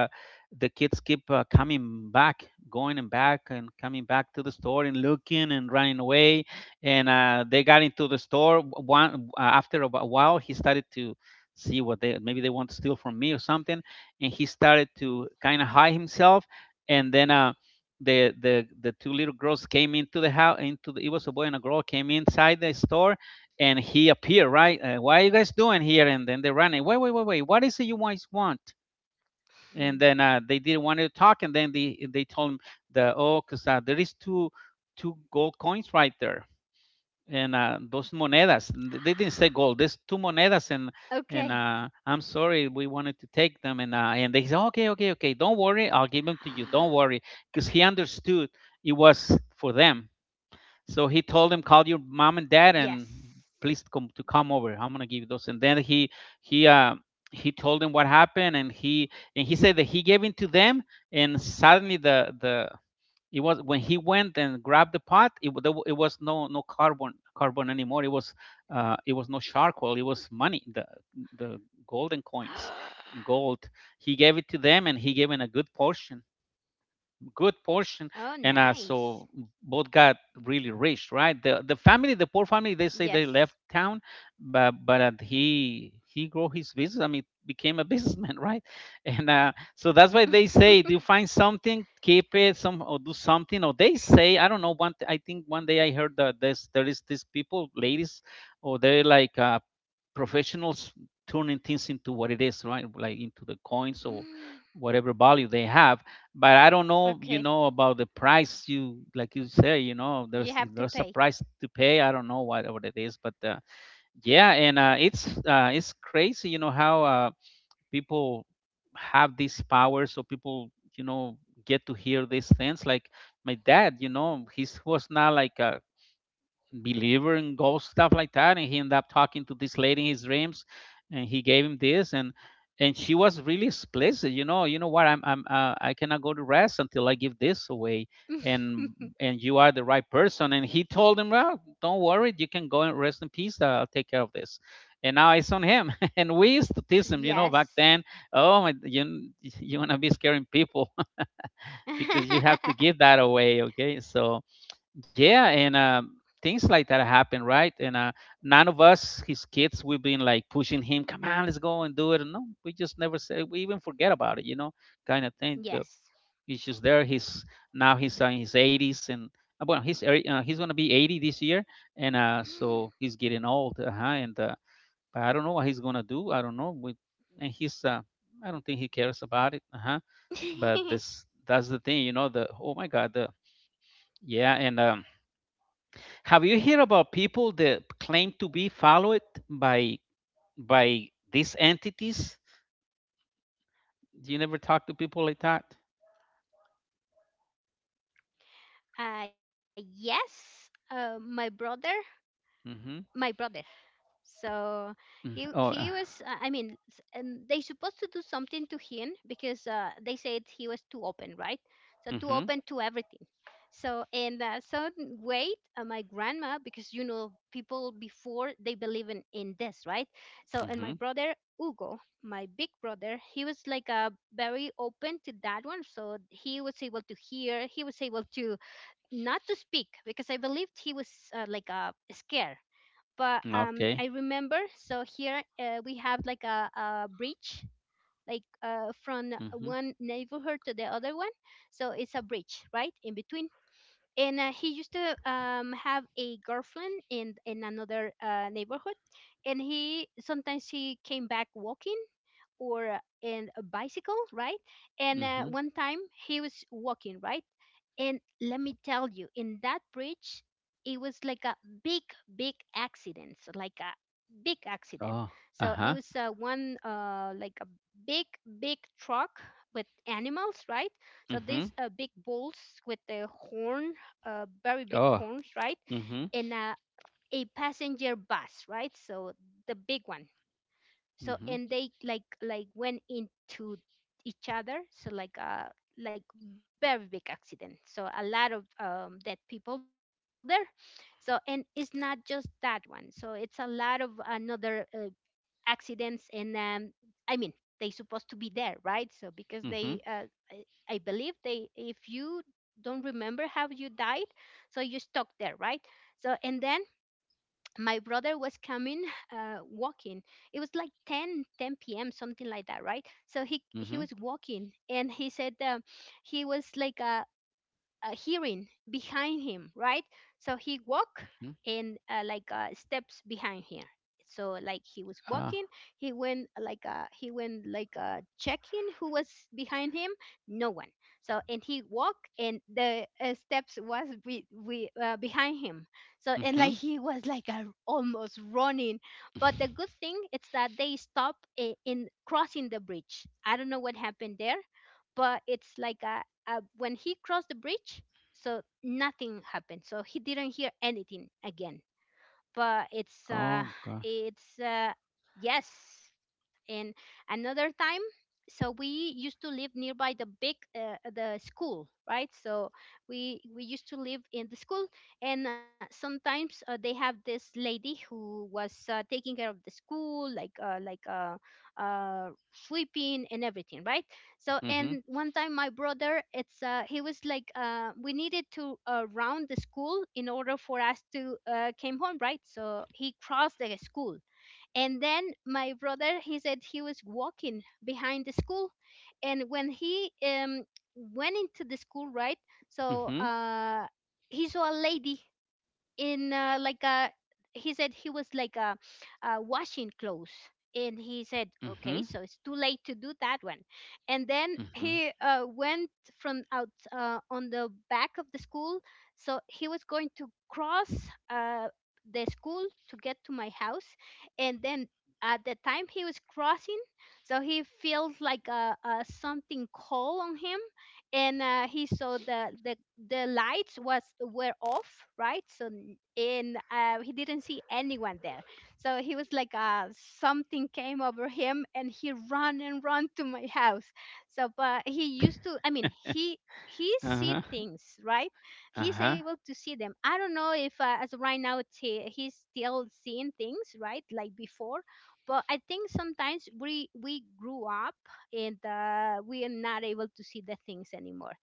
the kids keep uh, coming back, going and back, and coming back to the store and looking and running away. And uh, they got into the store. One uh, After a while, he started to see what they, maybe they want to steal from me or something, and he started to kind of hide himself. And then. Uh, the the the two little girls came into the house into the, it was a boy and a girl, came inside the store, and he appeared, right? Uh, what are you guys doing here? And then they ran it. Wait, wait, wait, wait. What is it you guys want? And then uh, Mm. they didn't want to talk. And then they they told him the oh, cause uh, there is two two gold coins right there, and uh, those monedas. They didn't say gold. There's two monedas, and and uh, I'm Okay. sorry, we wanted to take them. And uh, and they said, okay, okay, okay. Don't worry, I'll give them to you. Don't worry, because he (gasps) understood it was for them. So he told him, call your mom and dad and please come to Yes. come over. I'm gonna give you those. And then he he uh he told him what happened, and he and he said that he gave in to them. And suddenly the the it was when he went and grabbed the pot, it, wa- it was no no carbon carbon anymore. It was uh it was no charcoal, it was money, the the golden coins, gold. He gave it to (gasps) them, and he gave in a good portion, good portion. And uh, so Oh, both got really nice. rich, right? the the family, the poor family, they say they left town. But but Yes. uh, he he grow his business. I mean, became a (laughs) businessman, right? And uh, so that's why they say, do you find something, keep it some (laughs) or do something? Or they say, I don't know. One, I think one day I heard that there's there is these people, ladies, or they're like uh, professionals turning things into what it is, right? Like into the coins or whatever value they have. But I don't know, you know, about the price. You like Okay. you say, you know, there's, if there's a price to pay, I don't You know have to what what it pay. is. But uh, yeah, and uh, it's uh, it's crazy, you know, how uh, people have these powers. So people, you know, get to hear these things. Like my dad, you know, he's was not like a believer in ghosts, stuff like that. And he ended up talking to this lady in his dreams, and he gave him this. and and she was really explicit, you know. You know what, i'm i'm uh, I cannot go to rest until I give this away. and and you are the right person. And he told him, (laughs) well, don't worry, you can go and rest in peace, I'll take care of this. And now it's on him (laughs) and we used to tease him, you know, back then. Oh my, you you want to be Yes. scaring people (laughs) because you have to give that away. Okay, so (laughs) yeah. and um, Things like that happen, right? And uh, none of us, his kids, we've been like pushing him, come on, let's go and do it. And no, we just never say, we even forget about it, you know, kind of thing. The It's just there. He's Now he's uh, in Yes. his eighties. And uh, well, he's ear- uh, he's gonna be eighty this year. And uh so he's getting old. Uh-huh. And uh, but I don't know (gasps) what he's gonna do. I don't know. We, and he's uh I don't think he cares about it. Uh-huh. But this that's the thing, you know. The Oh my god. The (laughs) Yeah. and um Have you heard about people that claim to be followed by by these entities? Do you never talk to people like that? Uh, yes. Uh, my brother. Mm-hmm. My brother. So Mm. he Oh. Uh, he was, uh, I mean, s- and they supposed to do something to him because uh, they said he was too open, right? So too mm-hmm. open to everything. So in uh, some way, uh, my grandma, because you know people before they believe in in this, right? So Mm-hmm. and my brother Hugo, my big brother, he was like, uh, very open to that one. So he was able to hear, he was able to not to speak because I believed he was, uh, like, uh, scared. But um, Okay. I remember. So here uh, we have like a, a bridge, like, uh, from Mm-hmm. one neighborhood to the other one. So it's a bridge, right, in between. And uh, he used to, um, have a girlfriend in in another uh, neighborhood, and he sometimes he came back walking or uh, in a bicycle, right? And uh, Mm-hmm. one time he was walking, right? And let me tell you, in that bridge, it was like a big, big accident, so like a big accident. Oh. So it Uh-huh. was uh, one, uh, like a big, big truck with animals, right? So these Mm-hmm. uh, big bulls with the horn, uh, very big Oh. horns, right? Mm-hmm. And uh, a passenger bus, right? So the big one, so Mm-hmm. and they like like went into each other, so like uh like very big accident, so a lot of um, dead people there. So and it's not just that one, so it's a lot of another uh, accidents and um, I mean they supposed to be there, right? So because Mm-hmm. they uh, I, I believe they, if you don't remember how you died, so you stuck there, right? So and then my brother was coming uh, walking. It was like ten, ten p.m something like that, right? So he Mm-hmm. he was walking and he said um, he was like uh, uh, hearing behind him, right? So he walked Mm-hmm. and uh, like uh, steps behind him. So like he was Ah. walking, he went like uh, he went like uh, checking who was behind him. No one. So and he walked and the uh, steps was be, be, uh, behind him. So and like Mm-hmm. he was like uh, almost running. But the (laughs) good thing is that they stopped in, in crossing the bridge. I don't know what happened there, but it's like a uh, when he crossed the bridge, so nothing happened. So he didn't hear anything again. But it's Oh uh, God. it's uh, yes. And another time, so we used to live nearby the big uh, the school, right? So we we used to live in the school, and sometimes uh, they have this lady who was uh, taking care of the school, like uh, like uh, uh, sweeping and everything, right? So Mm-hmm. and one time my brother, it's uh, he was like uh, we needed to uh, round the school in order for us to uh, came home, right? So he crossed the school, and then my brother, he said he was walking behind the school, and when he um went into the school, right? So Mm-hmm. uh, he saw a lady in uh, like uh he said he was like uh, uh washing clothes, and he said okay, Mm-hmm. so it's too late to do that one. And then Mm-hmm. he uh, went from out uh, on the back of the school, so he was going to cross uh, the school to get to my house. And then at the time he was crossing, so he feels like uh, uh, something cold on him, and uh, he saw the, the the lights was were off, right? So n- and uh, he didn't see anyone there, so he was like uh, something came over him and he ran and ran to my house. So but he used to, I mean, he he see Uh-huh. things, right? He's Uh-huh. able to see them. I don't know if uh, as of right now it's he, he's still seeing things, right, like before, but I think sometimes we we grew up and uh, we are not able to see the things anymore.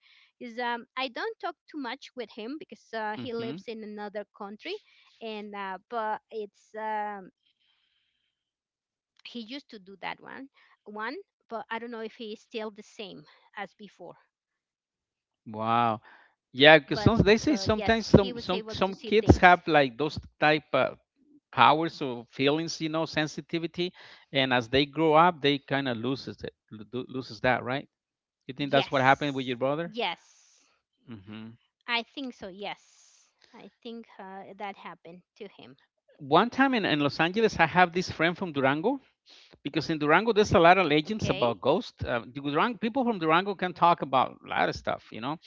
Is um, I don't talk too much with him because uh, he Mm-hmm. lives in another country, and uh, but it's um, he used to do that one one, but I don't know if he is still the same as before. Wow. But Yeah, because some, so they say yes, he sometimes was able some to some see some things. kids have like those type of powers or feelings, you know, sensitivity. And as they grow up, they kind of loses it, lo- do- loses that, right? You think that's what happened with Yes, your brother? yes, Hmm. I think so. Yes, I think uh, that happened to him. One time in, in Los Angeles, I have this friend from Durango, because in Durango there's a lot of legends Okay, about ghosts. Uh, Durango, people from Durango can talk about a lot of stuff, you know,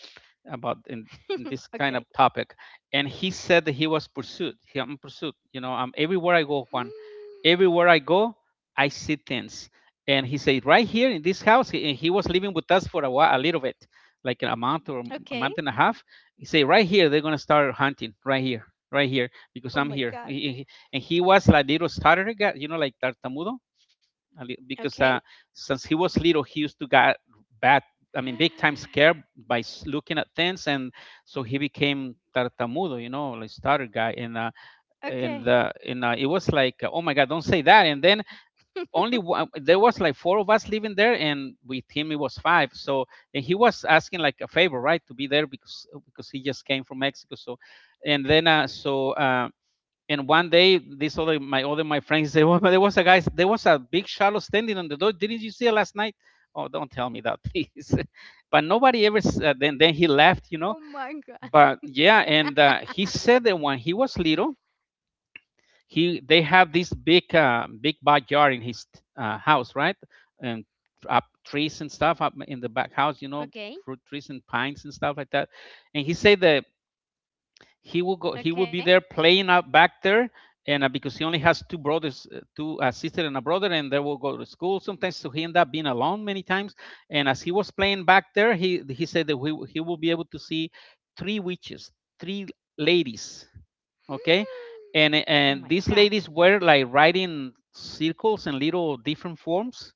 about in (laughs) this kind of okay. topic. And he said that he was pursued. He, I'm pursued. You know, I'm everywhere I go, Juan. Hmm, Everywhere I go, I see things. And he said, right here in this house, he, he was living with us for a while, a little bit, like a month or a month and a okay. half. He said, right here, they're gonna start hunting, right here, right here, because I'm Oh here. my He- god. He- and he was like little stutter guy, you know, like tartamudo, because uh, Okay. since he was little, he used to get bad, I mean, big time scared (sighs) by s- looking at things. And so he became tartamudo, you know, like starter guy. And uh, and uh, Okay. and uh, It was like, oh my God, don't say that. And then only one, there was like four of us living there, and with him it was five. So and he was asking like a favor, right, to be there because because he just came from Mexico. So and then uh, so. Uh, and one day, this other my other my friends say, "Well, (laughs) there was a guy, there was a big shadow standing on the door. Didn't you see it last night?" Oh, don't tell me that, please. (laughs) But nobody ever. Oh Uh, then my then he god. left, you know. But (laughs) yeah, and uh, he said that when he was little, he they have this big uh, big backyard in his uh, house, right? And up trees and stuff up in the back house, you Okay. know, fruit trees and pines and stuff like that. And he said that he will go Okay. he will be there playing out back there and uh, because he only has two brothers uh, two, uh, sister and a brother, and they will go to school sometimes, so he end up being alone many times. And as he was playing back there, he he said that we, he will be able to see three witches, three ladies. (gasps) Okay. and Oh my and these god. ladies were like riding circles in little different forms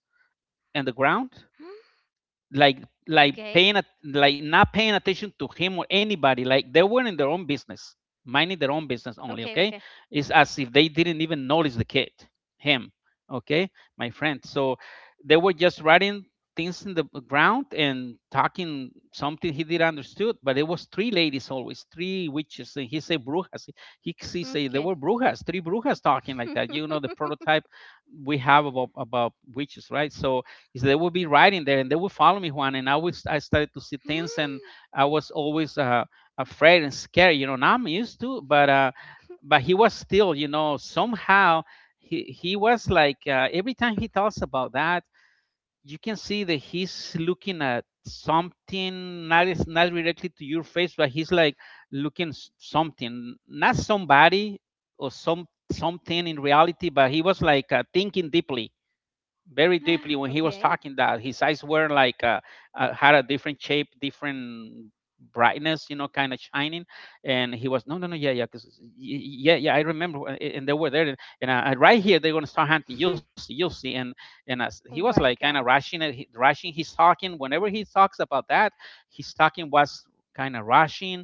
in the ground, (gasps) like like Okay. paying at- like not paying attention to him or anybody, like they were in their own business, minding their own business only. Okay. Okay. Okay. It's as if they didn't even notice the kid, him. Okay. My friend, so they were just writing things in the ground and talking something he didn't understood, but it was three ladies, always three witches. And he say brujas. He, he say Okay. they were brujas, three brujas, talking like (gasps) that, you know, the prototype we have about about witches, right? So is they would be riding there and they would follow me, Juan. And i was I started to see things, and (laughs) I was always uh, afraid and scared, you know. Now I'm used to, but uh, but he was still, you know, somehow he he was like, uh, every time he talks about that, you can see that he's looking at something, not is not directly to your face, but he's like looking s- something, not somebody or some something in reality, but he was like, uh, thinking deeply, very deeply. When he was Okay. talking that, his eyes were like, uh, uh, had a different shape, different brightness, you know, kind of shining. And he was, no, no, no, yeah, yeah, because yeah, yeah, I remember, and they were there, and uh, right here they're going to start hunting, you'll see, you'll (laughs) see. and and as he was Oh like kind my of god. rushing, rushing, he's talking, whenever he talks about that, his talking was kind of rushing.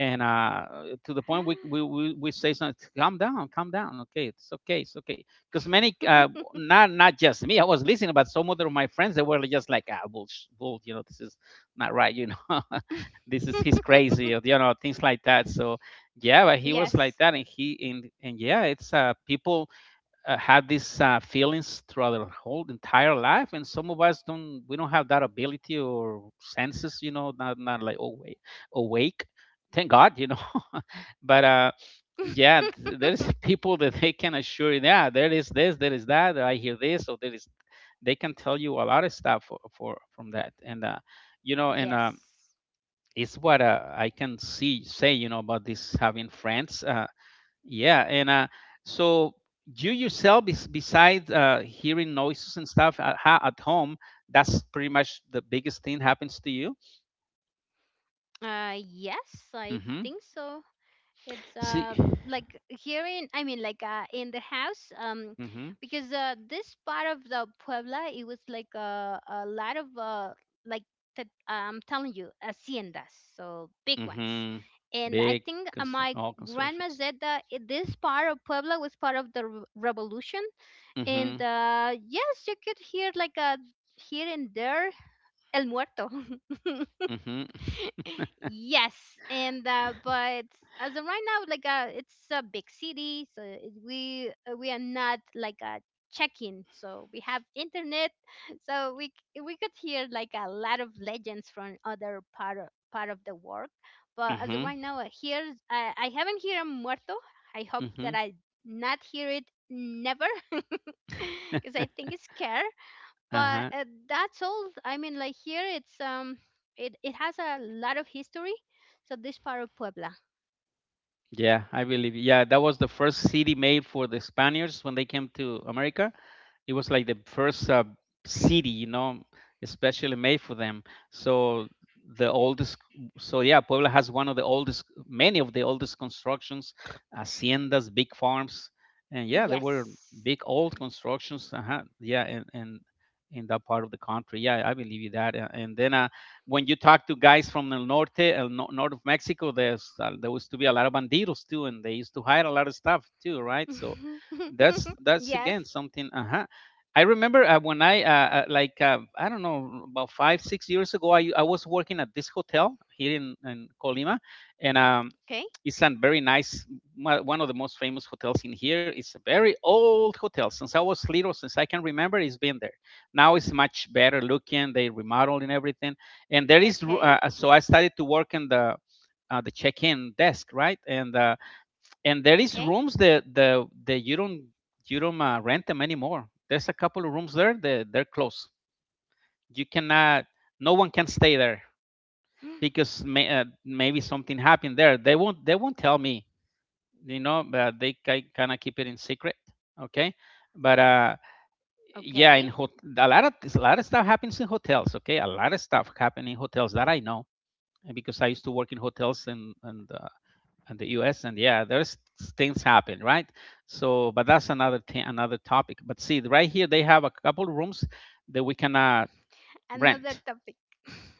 And uh to the point we we, we we say something, calm down, calm down, okay, it's okay, it's okay. Because many uh, not not just me. I was listening, but some other of my friends, they were just like, ah, bull, bull, you know, this is not right, you know, (laughs) this is, he's crazy, or, (laughs) you know, things like that. So yeah, but he was like Yes. that. And he, and and yeah, it's uh, people uh, had these uh, feelings throughout their whole entire life, and some of us don't, we don't have that ability or senses, you know, not not like awake, awake. Thank God, you know, but uh, (laughs) yeah, th- there's (laughs) people that they can assure you, yeah, there is this, there is that, I hear this, or there is, they can tell you a lot of stuff for, for from that. And uh, you know, and um, Yes. it's what uh, I can see say, you know, about this, having friends, uh, yeah, and uh, so you yourself, bes- besides uh, hearing noises and stuff at, ha- at home, that's pretty much the biggest thing happens to you. Uh yes, I Mm-hmm. think so. it's See. uh like here in, I mean, like uh in the house, um Mm-hmm. because uh this part of the Puebla, it was like uh, a lot of uh like t- I'm telling you haciendas, so big ones. Mm-hmm. And I Big, think uh, constru- my all grandma constructions. said that i- this part of Puebla was part of the re- revolution, and Mhm. uh yes, you could hear like a here and there el muerto. (laughs) Mhm. Yes, and uh, but as of right now, like uh, it's a big city, so it, we uh, we are not like a check-in, so we have internet, (laughs) so we c- we could hear like a lot of legends from other part of, part of the world. But as of Mhm. right now, uh, here's I, I haven't heard a muerto. I hope that Mhm. I not hear it never, (laughs) because I think it's scare, but Uh-huh. uh, that's all. I mean, like here it's, um it, it has a lot of history, so this part of Puebla. Yeah, I believe. Yeah, that was the first city made for the Spaniards when they came to America. It was like the first uh, city, you know, especially made for them. So the oldest. So yeah, Puebla has one of the oldest, many of the oldest constructions, haciendas, big farms, and yeah, there were Yes. big old constructions. Uh-huh. Yeah, and and in that part of the country, yeah, I believe you that. A- And then uh, when you talk to guys from the norte, el no- north of Mexico, there's uh, there used to be a lot of bandidos too, and they used to hide a lot of stuff too, right? So (laughs) that's Yes. that's again something. Uh, I remember uh, when I uh, uh, like uh, I don't know, about five six years ago, I, I was working at this hotel here in, in Colima. And um, Okay. it's a very nice, mo- one of the most famous hotels in here. It's a very old hotel. Since I was little, since I can remember, it's been there. Now it's much better looking. They remodeled and everything. And there is ru- Okay. uh, uh, so I started to work in the uh, the check-in desk, right? And uh, and there Okay. is rooms that the that you don't, you don't uh, rent them anymore. There's a couple of rooms there that they're they're closed. You cannot, no (gasps) one can stay there because may, uh, maybe something happened there. They won't they won't tell me, you know. But they kind of keep it in secret, okay? But uh, Okay, yeah, in hot, a lot of a lot of stuff happens in hotels, okay? A lot of stuff happen in hotels that I know, and because I used to work in hotels and and uh, and the U S, and yeah, there's things happen, right? So, but that's another thing, another topic. But see, right here they have a couple rooms that we can uh, another topic. rent.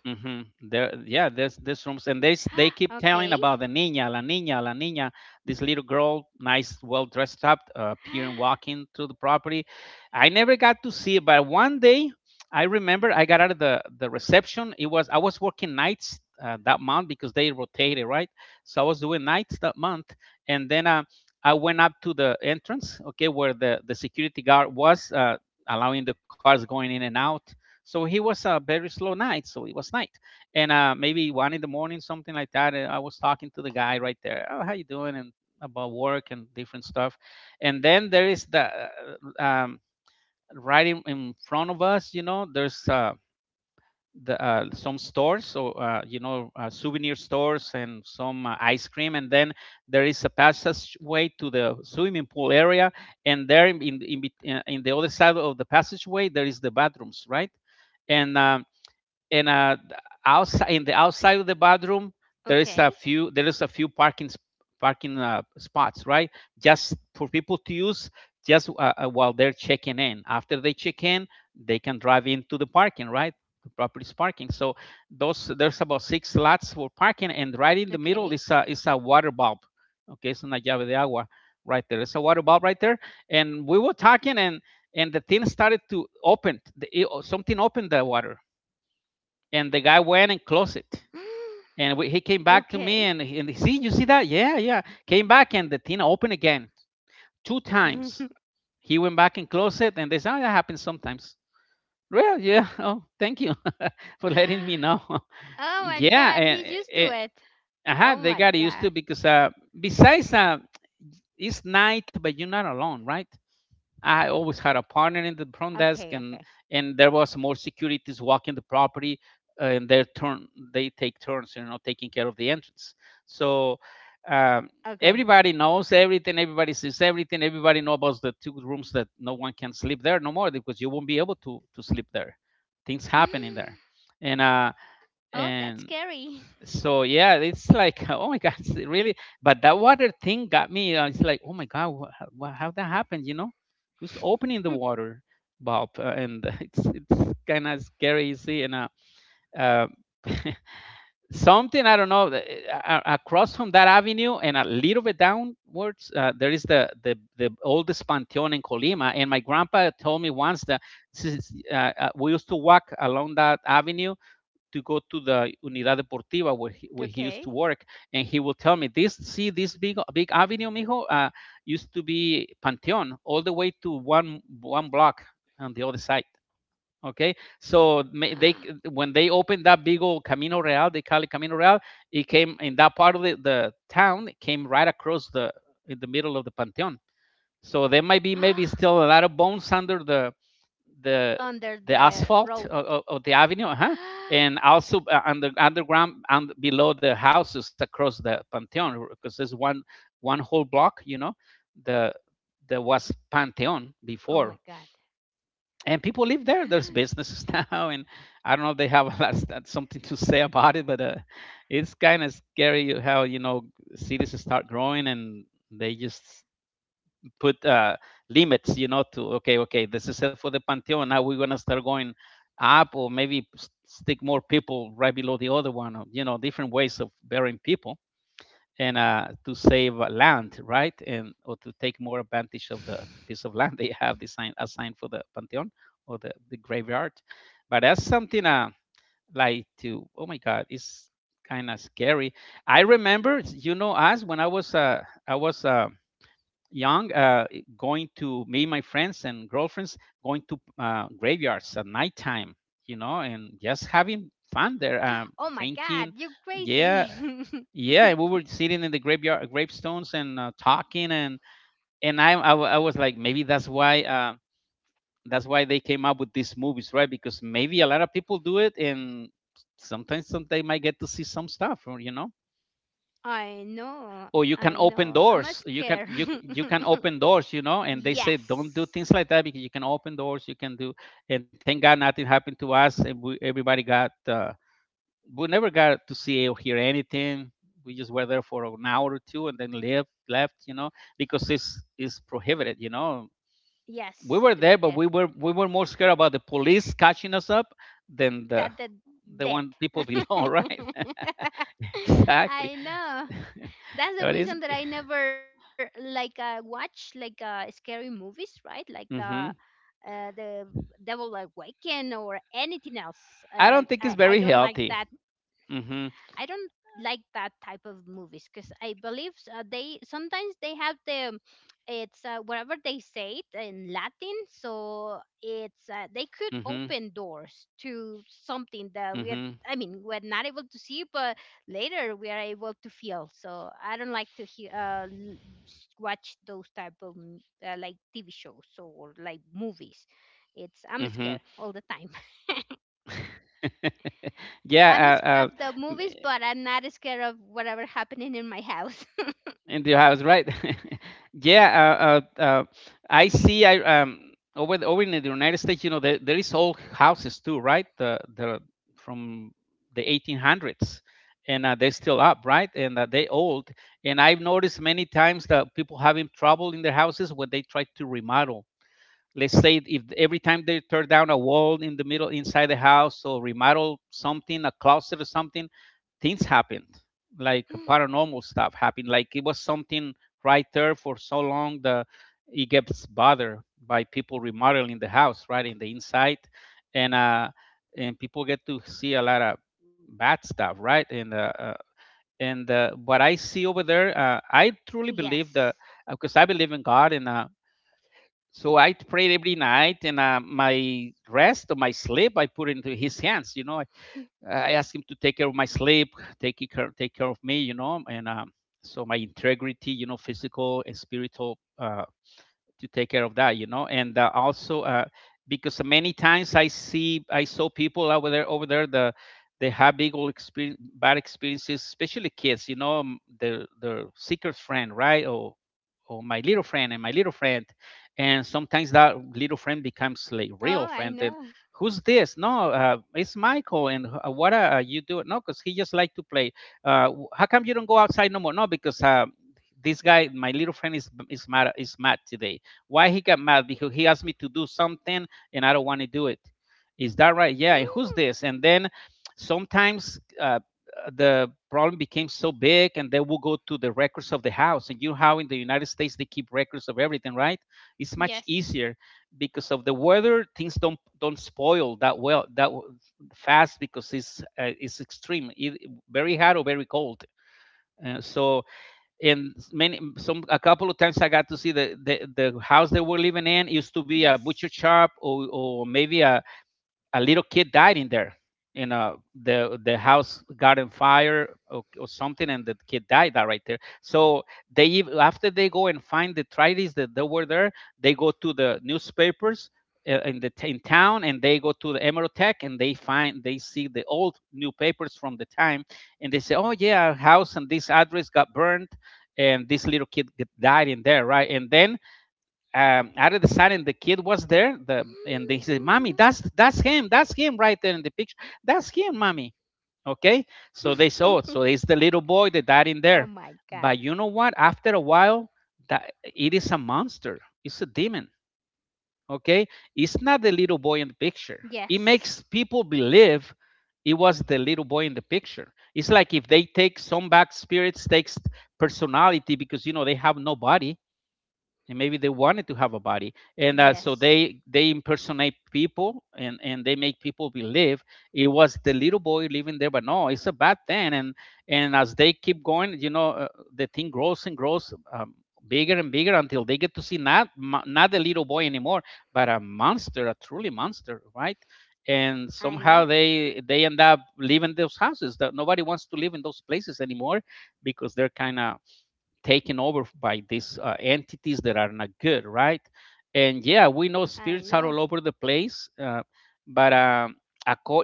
Hmm. There, yeah, there's there's rooms, and (gasps) they they Okay. keep telling about the niña, la niña, la niña. This little girl, nice, well dressed up, uh, (gasps) appearing, walking through the property. I never got to see it, but one day I remember I got out of the the reception. It was, I was working nights uh, that month because they rotated, right? So I was doing nights that month, and then uh, I went up to the entrance, okay, where the the security guard was. Uh, allowing the cars going in and out. So he was a very slow night. So it was night, and uh, maybe one in the morning, something like that. And I was talking to the guy right there. Oh, how you doing? And about work and different stuff. And then there is the uh, um, right in, in front of us. You know, there's uh, the uh, some stores. So uh, you know, uh, souvenir stores and some uh, ice cream. And then there is a passageway to the swimming pool area. And there, in in, in, bet- uh, in the other side of the passageway, there is the bathrooms, right? and um, and uh, Okay. outside, in the outside of the bathroom, there is a few there is a few parking sp- parking uh, spots, right? Just for people to use, just uh, uh, while they're checking in. After they check in, they can drive into the parking, right? The property's parking. So those, there's about six Okay. slots for parking, and right in the middle is a, is a water bulb. Okay, it's una llave de agua. Right there, it's a water bulb right there. And we were talking, and and the thing started to open the, it- something opened the water, and the guy went and closed it. (gasps) Okay. And we, he came back to me, and, and he, see, you see that? Yeah, yeah. Came back and the tin opened again, (laughs) Oh two times. He went back and closed it, and they said, oh, that happens sometimes. Well, yeah. (laughs) Oh, thank you (laughs) for letting me know. my god, (laughs) he's used Yeah, to it. and eh, eh, Oh my uh-huh, god. they got used to, because uh, besides, uh, it's night, but you're not alone, right? I always had a partner in Okay. the Okay. front desk, and and there was more securities walking the property, uh, and their turn, they take turns, you know, taking care of the entrance. So Okay. um, everybody knows everything, everybody sees everything, everybody knows about the two rooms that no one can sleep there no more, because you won't be able to to sleep there. Things (gasps) happen in there, and uh, Oh, that's and scary. (laughs) so yeah, it's like, (laughs) oh my god, (laughs) it's really, but that water thing got me, uh, it's like, oh my god, wha how wha- how that happened, you know, who's opening the water bulb, uh, and (laughs) it's it's kind of scary, you see, and uh, uh, (laughs) something, I don't know, the- a- a- across from that avenue and a little bit downwards, uh, there is the, the the oldest pantheon in Colima. And my grandpa told me once that since, uh, uh, we used to walk along that avenue to go to the Unidad Deportiva where Okay. he, where he used to work, and he would tell me, "This, see this big big avenue, mijo, uh, used to be Panteon, all the way to one one block on the other side." Okay, so (gasps) they, when they opened that big old Camino Real, they call it Camino Real, it came in that part of the, the town, it came right across the, in the middle of the Panteon. So there might be, maybe still a lot of bones under the, the Under the the road. asphalt of, of the avenue, uh-huh, (gasps) and also uh, under, underground and below the houses across the Pantheon, because there's one, one whole block, you know, the Oh my there god. was Pantheon before, (sighs) and people live there. There's businesses (laughs) now, and I don't know if they have (laughs) a lot- something to say about it, but uh, it's kind of scary how, you know, cities start growing, and they just put uh, limits, you know, to, okay, okay, this is it for the Pantheon. Now we're gonna start going up, or maybe s- stick more people right below the other one. Or, you know, different ways of burying people and uh, to save uh, land, right, and or to take more (gasps) I advantage know, of the, I the know. piece of land (laughs) they have designed assigned for the Pantheon or the, the graveyard. But that's something uh, like to oh my God, it's kind of scary. I remember, you know, us when I was uh, I was. Uh, young, uh, going to me, my friends and girlfriends, going to uh, graveyards at nighttime, you know, and just having fun Oh my there, um, god, you drinking. crazy. (laughs) Yeah, yeah, we were sitting in the graveyard gravestones and uh, talking. And and I, I wa- I was like, maybe that's why uh, that's why they came up with these movies, right? Because maybe a lot of people do it, and sometimes some, they might get to see some stuff, or, you know. I know, Or you I can know. open I'm a doors, you scare. can you you can open doors, you know, and (laughs) they say don't Yes. do things like that because you can open doors, you can do. And thank God nothing happened to us, and we, everybody got uh, we never got to see or hear anything. We just were there for an hour or two and then left left, you know, because it's it's prohibited, you know. We Yes, were to there, be but there. we were we were more scared about the police catching us up than the That the the dead. one people below, right. (laughs) (laughs) Exactly. I know. That's (laughs) the But reason that I never like uh, watch like uh, scary movies, right? Like the mm-hmm. uh, the Devil Awaken or anything else. Uh, I don't I think it's I don't very like that healthy. Mhm. I don't like that type of movies because I believe uh, they sometimes they have the, it's uh, whatever they say it in Latin, so it's uh, they Mhm. could open doors to something that Mhm. we are. I mean, we're not able to see, but later we are able to feel. So I don't like to hear, uh, l- s- watch those type of m- uh, like T V shows or like movies. It's I'm Mhm. scared all the time. (laughs) I'm Yeah, uh, scared uh, of the m- movies, but I'm not scared of whatever happening in my house. in your house, right? (laughs) Yeah, uh, uh, uh, I see. I um Over the, over in the United States, you know, there, there is old houses too, right? The the from the eighteen hundreds, and uh, they're still up, right? And uh, they old. And I've noticed many times that people having trouble in their houses when they try to remodel, let's say if every time they tear down a wall in the middle inside the house or remodel something, a closet or something, things happened, like (gasps) paranormal stuff happened, like it was something right there for so long that it gets bothered by people remodeling the house right in the inside. And uh and people get to see a lot of bad stuff, right? And uh, uh and uh, what I see over there, uh, I (laughs) truly Yes. believe that because I believe in God. And uh, so I prayed every night, and uh, my rest of my sleep I put into His hands. You know, I, I asked Him to take care of my sleep, take care, take care of me, you know. And um, so my integrity, you know, physical and spiritual, uh, to take care of that, you know. And uh, also uh, because many times i see I saw people over there, over there the they have big old experience, bad experiences, especially kids, you know. um, their their secret friend, right? or or my little friend, and my little friend. And sometimes that little friend becomes Oh, like I real know. friend. And who's this? No, uh, it's Michael. And uh, what, uh, are you doing? No, because he just like to play. Uh, w- how come you don't go outside no more? No, because uh, this guy my little friend is is mad, is mad today. Why he got mad? Because he asked me to do something and I don't want to do it. Is that right? Yeah. And who's (gasps) this? And then sometimes uh, the problem became so big, and they will go to the records of the house. And you know how in the United States they keep records of everything, right? It's much Yes. easier because of the weather. Things don't don't spoil that well, that fast, because it's uh, it's extreme, either very hot or very cold. Uh, so and many some a couple of times I got to see the the, the Yes. house they were living in used to be a butcher shop, or, or maybe a a little kid died in there in uh the the house got on fire, or, or something, and the kid died that right there. So they ev- after they go and find the tradies that they were there, they go to the newspapers uh, in the t- in town, and they go to the Emerotech, and they find they see the old newspapers from the time. And they say, oh yeah, our house and this address got burned, and this little kid g- died in there, right? And then um, out of the sudden the kid was there, the and they said, mommy, that's that's him, that's him right there in the picture, that's him mommy, okay. So (laughs) they saw it, so it's the little boy Oh that died my in there. god. But you know what, after a while, that it is a monster, it's a demon, okay. It's not the little boy in the picture. Yes. It makes people believe it was the little boy in the picture. It's like if they take some back spirits, takes personality, because you know they have no body. And maybe they wanted to have a body, and uh, Yes. so they they impersonate people, and and they make people believe it was the little boy living there. But no, it's a bad thing. and and as they keep going, you know, uh, the thing grows and grows, um, bigger and bigger, until they get to see not not the little boy anymore, but a monster, a truly monster, right? And I know. somehow they they end up leaving those houses, that nobody wants to live in those places anymore, because they're kind of taken over by these uh, entities that are not good, right? And yeah, we know I spirits know. are all over the place, uh, but um,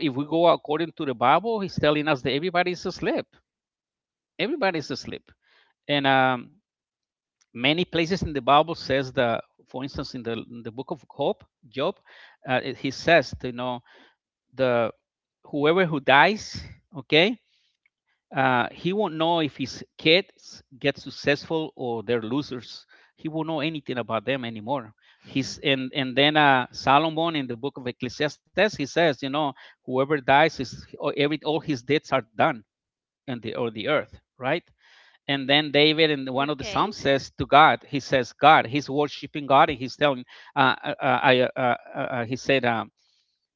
if we go according to the Bible, he's telling us that everybody's asleep. Everybody's asleep, and um, many places in the Bible says that, for instance, in the in the book of Job, Job, uh, he says, you know, the whoever who dies, okay, uh, he won't know if his kids get successful or they're losers. He won't know anything about them anymore. (sighs) (laughs) He's and and then uh, Solomon in the book of Ecclesiastes, he says, you know, whoever dies is oh, every all his deeds are done and the or the earth, right? And then David in one of the Okay. psalms says to God, he says, God, he's worshiping God, and he's telling, uh, uh, uh, I, uh, uh, uh, he said, um,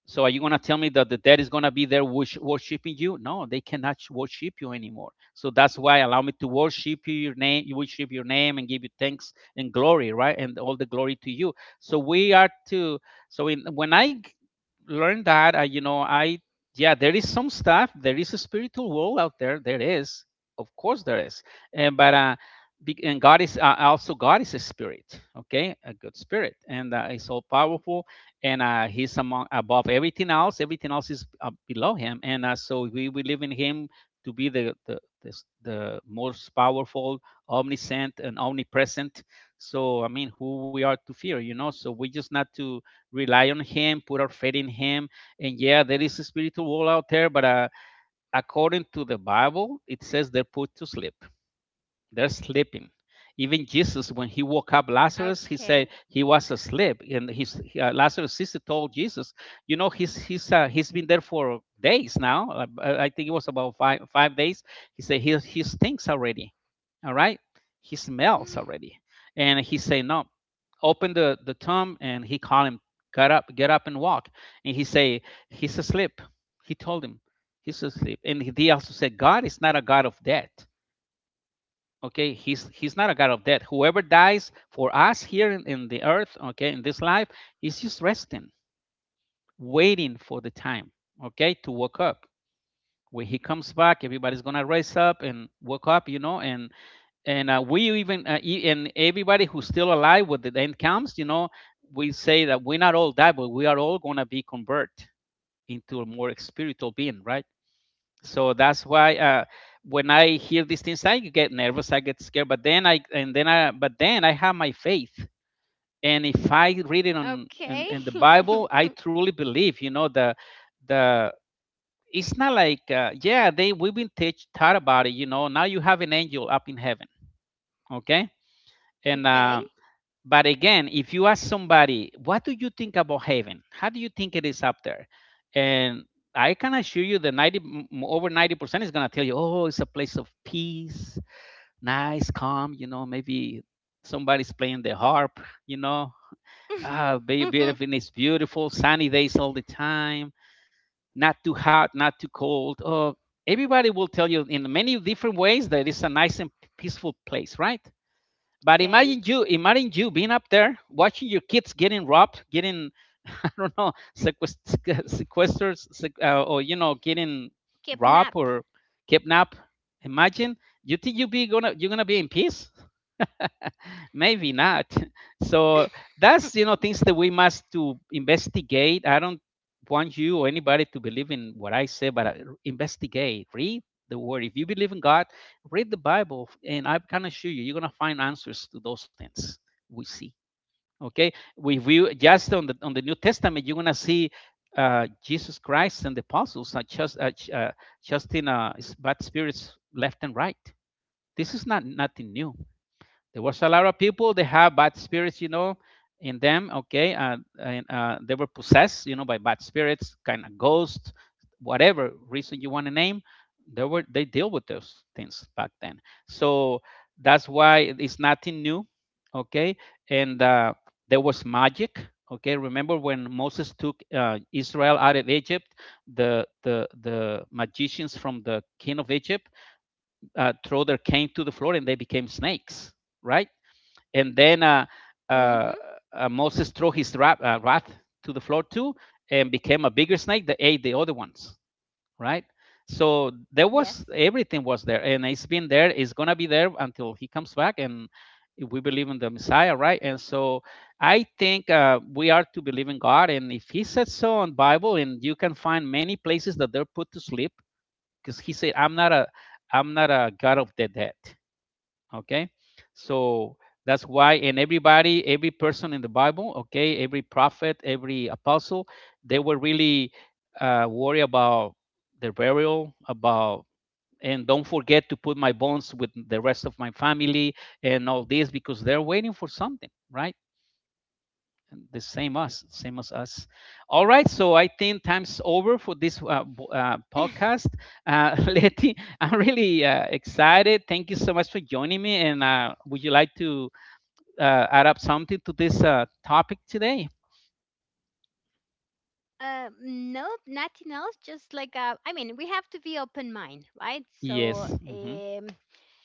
so are you going to tell me that the dead is going to be there worshiping you? No, they cannot worship you anymore. So that's why allow me to worship your name, you worship your name and give you thanks and glory, right? And all the glory to you. So we are to, so in when I learned that, I, you know, I yeah, there is some stuff, there is a spiritual world out there. There is. Of course there is. And but uh and God is uh, also God is a spirit, okay? A good spirit, and uh, it's all powerful. And uh, he's among above everything else. Everything else is uh, below him, and uh, so we believe in him to be the the the, the most powerful, omniscient, and omnipresent. So I mean, who we are to fear, you know. So we just not to rely on him, put our faith in him. And yeah, there is a spiritual world out there, but uh, according to the Bible, it says they're put to sleep. They're sleeping. Even Jesus, when he woke Okay. up Lazarus, he said he was asleep, and his uh, Lazarus' sister told Jesus, "You know, he's he's uh, he's been there for days now. Uh, I think it was about five five days. He said he he stinks already, all right. He smells already, (gasps) and he said no. Open the the tomb, and he called him, get up, get up and walk. And he say he's asleep." He told him he's asleep, and he also said God is not a God of death. Okay, he's he's not a god of death. Whoever dies for us here in, in the earth, okay, in this life, he's just resting, waiting for the time, okay, to wake up. When he comes back, everybody's gonna rise up and wake up you know and and uh, we even uh, e- and everybody who's still alive when the end comes you know we say that we not all die, but we are all gonna be converted into a more spiritual being, right? So that's why, uh, when I hear these things I get nervous, I get scared, but then i and then i but then i have my faith. And if I read it on Okay. in, in the Bible, (laughs) I truly believe you know the the it's not like uh, yeah, they we've been teach, taught about it you know now you have an angel up in heaven. Okay. And uh, Okay. but again, if you ask somebody, what do you think about heaven? How do you think it is up there? And I can assure you that ninety, over ninety percent is going to tell you, oh, it's a place of peace, nice, calm, you know, maybe somebody's playing the harp, you know, ah, beautiful, it's (laughs) beautiful, sunny days all the time, not too hot, not too cold. Oh, everybody will tell you in many different ways that it's a nice and peaceful place, right? But imagine Okay. you, imagine you being up there watching your kids getting robbed, getting (laughs) I don't know sequest- (laughs) sequestered, sec- uh, or you know getting robbed or Kidnap. kidnapped. Imagine, you think you be gonna you're gonna be in peace? Maybe not. (laughs) So that's you know things that we must to investigate. I don't want you or anybody to believe in what I say, but uh, investigate, read the word. If you believe in God, read the Bible, and I can assure you you're going to find answers to those things. Hello? We see, okay, Can we you hear view me? just on the on the New Testament, you're going to see uh, Jesus Christ and the apostles are just uh, ch- uh, just in uh, s- bad spirits left and right. This is not nothing new. There was a lot of people. They have bad spirits, you know, in them. Okay, uh, and uh, they were possessed, you know, by bad spirits, kind of ghosts, whatever reason you want to name. They were they deal with those things back then. So that's why it's nothing new. Okay, and uh, there was magic. Okay, remember when Moses took uh, Israel out of Egypt? The the the magicians from the king of Egypt uh, throw their cane to the floor and they became snakes, right? And then uh, Mm-hmm. uh, uh, Moses threw his wrath, uh, wrath to the floor too, and became a bigger snake that ate the other ones, right? So there was Yes. everything was there, and it's been there. It's gonna be there until he comes back, and we believe in the Messiah, right? And so I think uh, we are to believe in God, and if He said so in Bible, and you can find many places that they're put to sleep, because He said, "I'm not a, I'm not a God of the dead." Okay. So that's why, and everybody, every person in the Bible, okay, every prophet, every apostle, they were really uh, worried about their burial, about and don't forget to put my bones with the rest of my family, and all this because they're waiting for something, right? the same us same as us. All right, so I think time's over for this uh, uh, podcast. (laughs) Uh, (laughs) letty, I'm really uh, excited, thank you so much for joining me, and uh, would you like to uh, add up something to this uh, topic today? Uh, nope, nothing else. Just like uh, I mean, we have to be open mind, right? Yes. So Mm-hmm. um,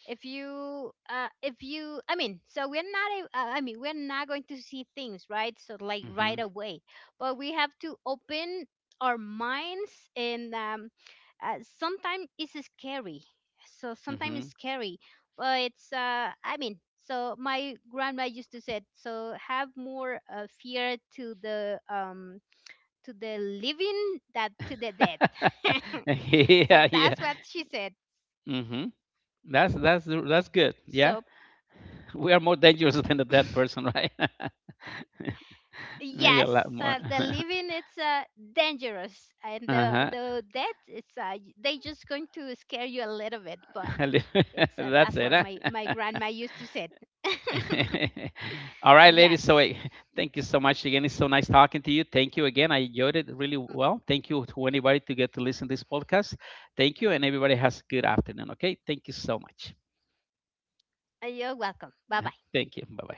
if you uh, if you I mean, so we're not a- uh, I mean, we're not going to see things, right? So like right Mm-hmm. away, but we have to open our minds, and um, uh, sometimes it's scary. So sometimes it's Mm-hmm. scary, but it's, uh, I mean. So my grandma used to say, so have more uh, fear to the um to the living that to the dead. (laughs) (laughs) So Yeah, yeah. that's what she said. Mm-hmm. that's that's that's good, yeah. So We are more dangerous than the dead (laughs) person, right? (laughs) Maybe yes, a lot more. uh, the living it's uh, dangerous, (laughs) and the Uh-huh. the dead it's, uh, they just going to scare you a little bit, but (laughs) it's uh, That's that's it, what huh? my my (laughs) grandma used to say. (laughs) (laughs) All right, ladies. So Yes, eh, thank you so much again. It's so nice talking to you. Thank you again. I enjoyed it really mm, well. Thank you to anybody to get to listen to this podcast. Thank you, and everybody has a good afternoon. Okay. Thank you so much. you're welcome. Bye bye. Thank you. Bye bye.